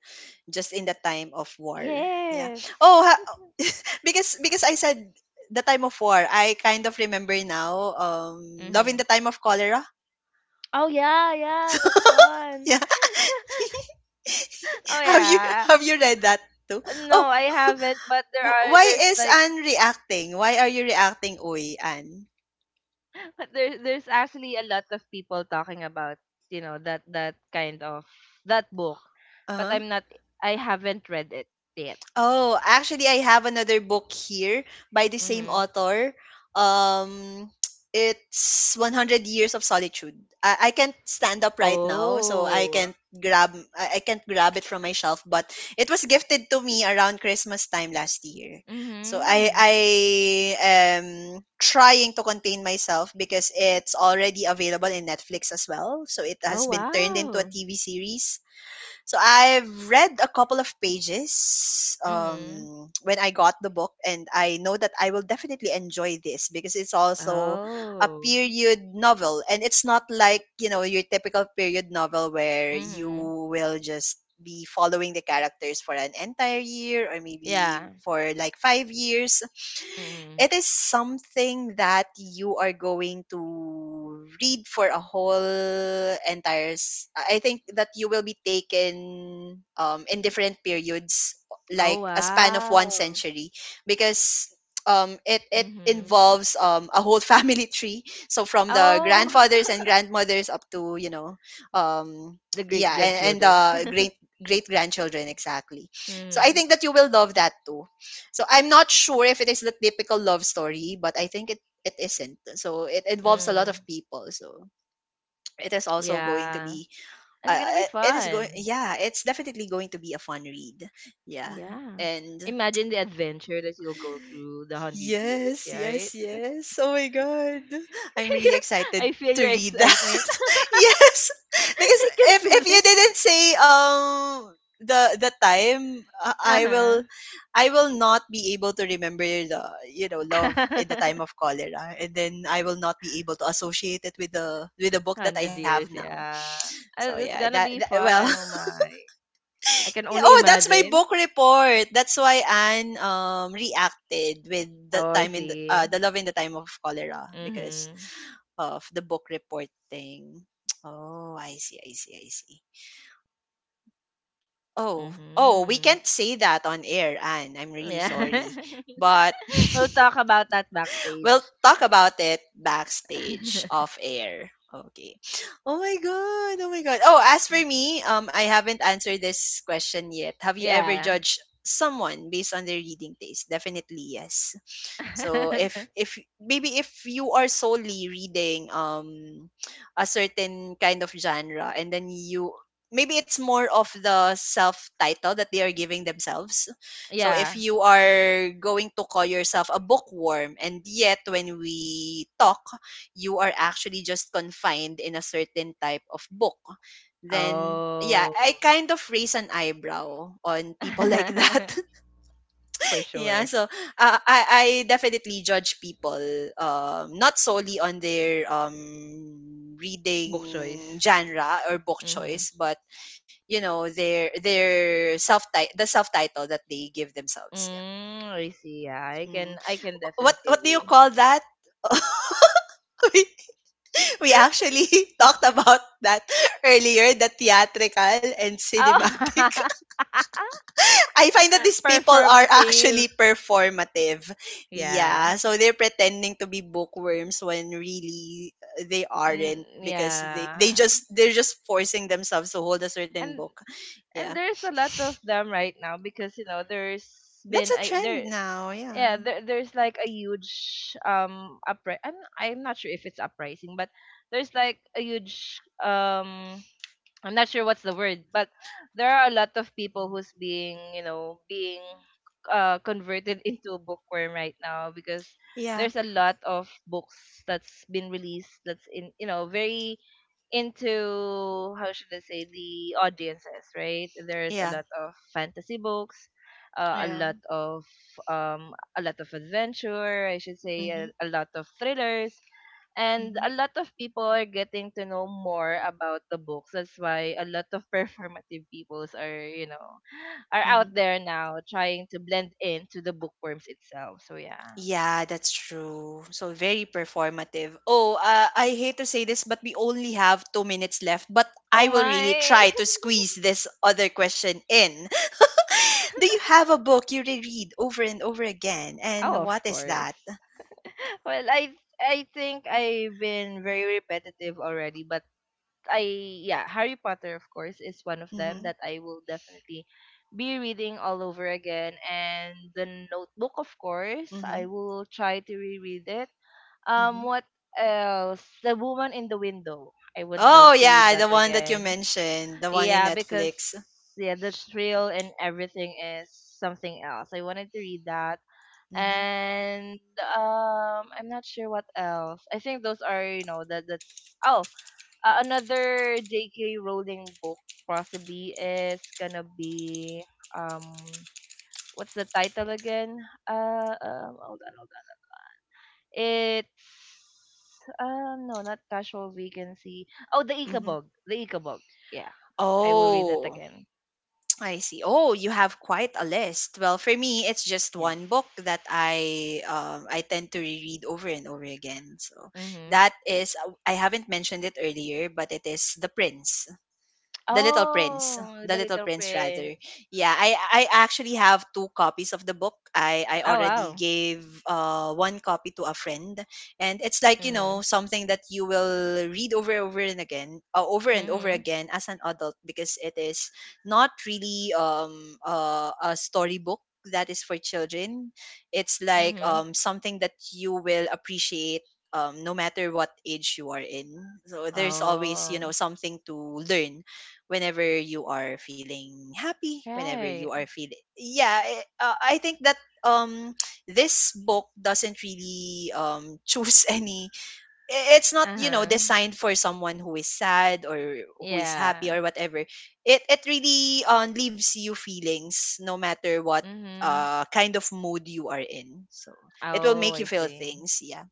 just in the time of war. Yeah. Yes. Oh, ha- because because I said the time of war, I kind of remember now. Um, Love in Mm-hmm. the Time of Cholera. Oh yeah, yeah, that's one. Yeah. Oh Have you, yeah. have you read that too? No, Oh, I haven't, but there wh- are why there's is like. Anne reacting? Why are you reacting, Uy, Anne? But there, there's actually a lot of people talking about, you know that that kind of that book, Uh but huh. I'm not, I haven't read it yet. Oh, actually, I have another book here by the same Mm-hmm. author. Um, it's one hundred Years of Solitude. I, I can't stand up right now, so I Oh. can't grab I, I can't grab it from my shelf. But it was gifted to me around Christmas time last year. So I Mm-hmm. I am trying to contain myself because it's already available in Netflix as well. So it Oh, has been turned into a wow. T V series, so I've read a couple of pages Mm-hmm. um, when I got the book, and I know that I will definitely enjoy this because it's also a Oh. period novel, and it's not like you know your typical period novel where you Mm-hmm. will just be following the characters for an entire year or maybe Yeah. for like five years. Mm-hmm. It is something that you are going to read for a whole entire s- i I think that you will be taken um in different periods, like Oh, a span of one wow. century, because um it it Mm-hmm. involves um a whole family tree, so from the Oh. grandfathers and grandmothers up to you know um The great yeah, and, and grandchildren. the great great grandchildren, exactly. So I Mm-hmm. think that you will love that too. So I'm not sure if it is the typical love story, but I think it it isn't. So it involves a lot of Mm-hmm. people. So it is also going to Yeah. be It's uh, gonna be it is going fun. yeah, it's definitely going to be a fun read. Yeah. Yeah. And Imagine the adventure that you'll go through the hundred years, yes, yeah, right? yes, yes. Oh my god. I'm really excited I feel to your read that. excitement. Yes. Because I can if feel if you it. didn't say um the the time uh, I Uh-huh. will I will not be able to remember the you know love in the time of cholera, and then I will not be able to associate it with the with the book that I one hundred have years, now. yeah. So Uh, yeah, It's gonna that, that be well, fun. Oh my. I can yeah, only oh, that's my imagine. book report. That's why Anne um reacted with the Oh, I time in the, see. uh, the love in the time of cholera because Mm-hmm. of the book report thing. Oh, I see, I see, I see. Oh, oh, we Mm-hmm. can't say that on air, Anne. I'm really Yeah. sorry, but We'll talk about that backstage. we'll talk about it backstage off air. Okay. Oh my god. Oh my god. Oh, as for me, um I haven't answered this question yet. Have you ever Yeah. judged someone based on their reading taste? Definitely yes. So if if maybe if you are solely reading um a certain kind of genre, and then you maybe it's more of the self title that they are giving themselves. So if Yeah. you are going to call yourself a bookworm and yet when we talk you are actually just confined in a certain type of book, then yeah, Oh. I kind of raise an eyebrow on people like that. For Yeah, sure. so uh, I I definitely judge people, um not solely on their um reading Book choice. genre or book Mm-hmm. choice, but you know their their self ti- the self title that they give themselves. Yeah. Mm, I see. Yeah, I can Mm. I can Wh- What definitely what do you agree. call that? we, we actually talked about that earlier, the theatrical and cinematic. Oh. I find that these people are Performative. actually performative. Yeah. Yeah, so they're pretending to be bookworms when really uh, they aren't Mm, because they yeah. they just they're just forcing themselves to hold a certain And book. Yeah. and there's a lot of them right now because you know there's That's been a a trend there, now. Yeah. yeah, there, there's like a huge um upri- I'm I'm not sure if it's uprising, but there's like a huge um I'm not sure what's the word, but there are a lot of people who's being, you know being uh converted into a bookworm right now, because Yeah. there's a lot of books that's been released that's in, you know very into, how should I say, the audiences, right? There's a Yeah. lot of fantasy books, uh, a Yeah. lot of um, a lot of adventure, I should say, Mhm. a, a lot of thrillers, and Mhm. a lot of people are getting to know more about the books. That's why a lot of performative peoples are, you know, are out Mhm. there now trying to blend into the bookworms itself. So yeah. Yeah, that's true. So very performative. Oh, uh, I hate to say this, but we only have two minutes left. But Oh I will really my! try to squeeze this other question in. Do you have a book you reread over and over again? And Oh, of what is course. that? Well, I I think I've been very repetitive already, but I yeah, Harry Potter, of course, is one of them Mm-hmm. that I will definitely be reading all over again, and the notebook, of course, I Mm-hmm. will try to reread it. Um Mm-hmm. What else? The woman in the window. I would Oh love to read yeah, that the one that you again. mentioned, the one in Yeah, because Netflix. yeah, the thrill and everything is something else. I wanted to read that, Mm-hmm. and um I'm not sure what else. I think those are, you know that that's oh, uh, another J K. Rowling book possibly is gonna be, um what's the title again? Uh um hold on, hold on. It's, uh no, not casual vacancy. Oh, the Mm-hmm. Ikabog the Ikabog Yeah, I will read that Oh, again. I see. Oh, you have quite a list. Well, for me, it's just Yes. one book that I um, I tend to reread over and over again. So Mhm. that is I haven't mentioned it earlier, but it is The Prince, The Little Prince, Oh, The The Little Little Prince rather. Prince. Yeah, I I actually have two copies of the book. I I Oh already wow. gave uh one copy to a friend, and it's like you Mm-hmm. know something that you will read over and over and again, uh, over and over Mhm. again as an adult, because it is not really um uh, a storybook that is for children. It's like Mhm. um something that you will appreciate, um, no matter what age you are in. So there's always, you Oh, know, something to learn whenever you are feeling happy, whenever you right. are feeling yeah, eh, uh, I think that um this book doesn't really um choose any i- it's not you know Uh-huh. designed for someone who is sad or who is happy Yeah. or whatever. It it really um, leaves you feelings, no matter what Mhm. uh kind of mood you are in. So it will Oh, make I you feel see. things, yeah.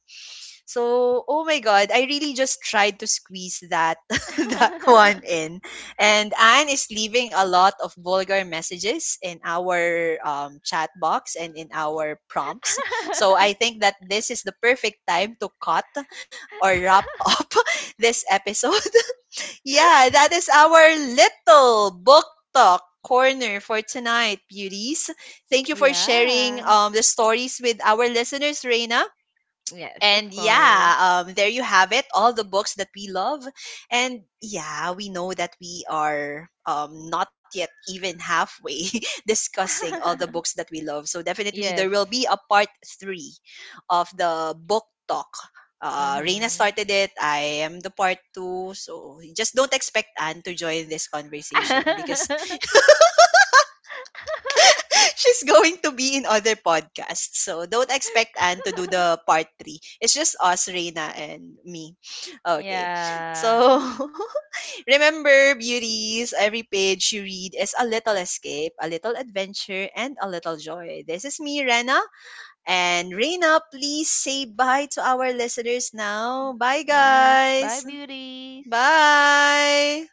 So oh my god, I really just tried to squeeze that that one in. And anne is leaving a lot of vulgar messages in our um, chat box and in our prompts, so I think that this is the perfect time to cut or wrap up this episode. Yeah, that is our little book talk corner for tonight, beauties. Thank you for sharing, Yeah. um, the stories with our listeners, Reina. Yes, of And course. yeah, um, there you have it, all the books that we love. And yeah, we know that we are um, not yet even halfway discussing all the books that we love. So definitely there will be Yes. a part three of the book talk. Uh, Reina Mhm. started it. I am the part two. So just don't expect Anne to join this conversation, because she's going to be in other podcasts. So don't expect Anne to do the part three. It's just us, Reina, and me. Okay. Yeah. So remember, beauties, every page you read is a little escape, a little adventure, and a little joy. This is me, Rena. And Reina, please say bye to our listeners now. Bye, Yes. Bye, guys. beauties. Bye.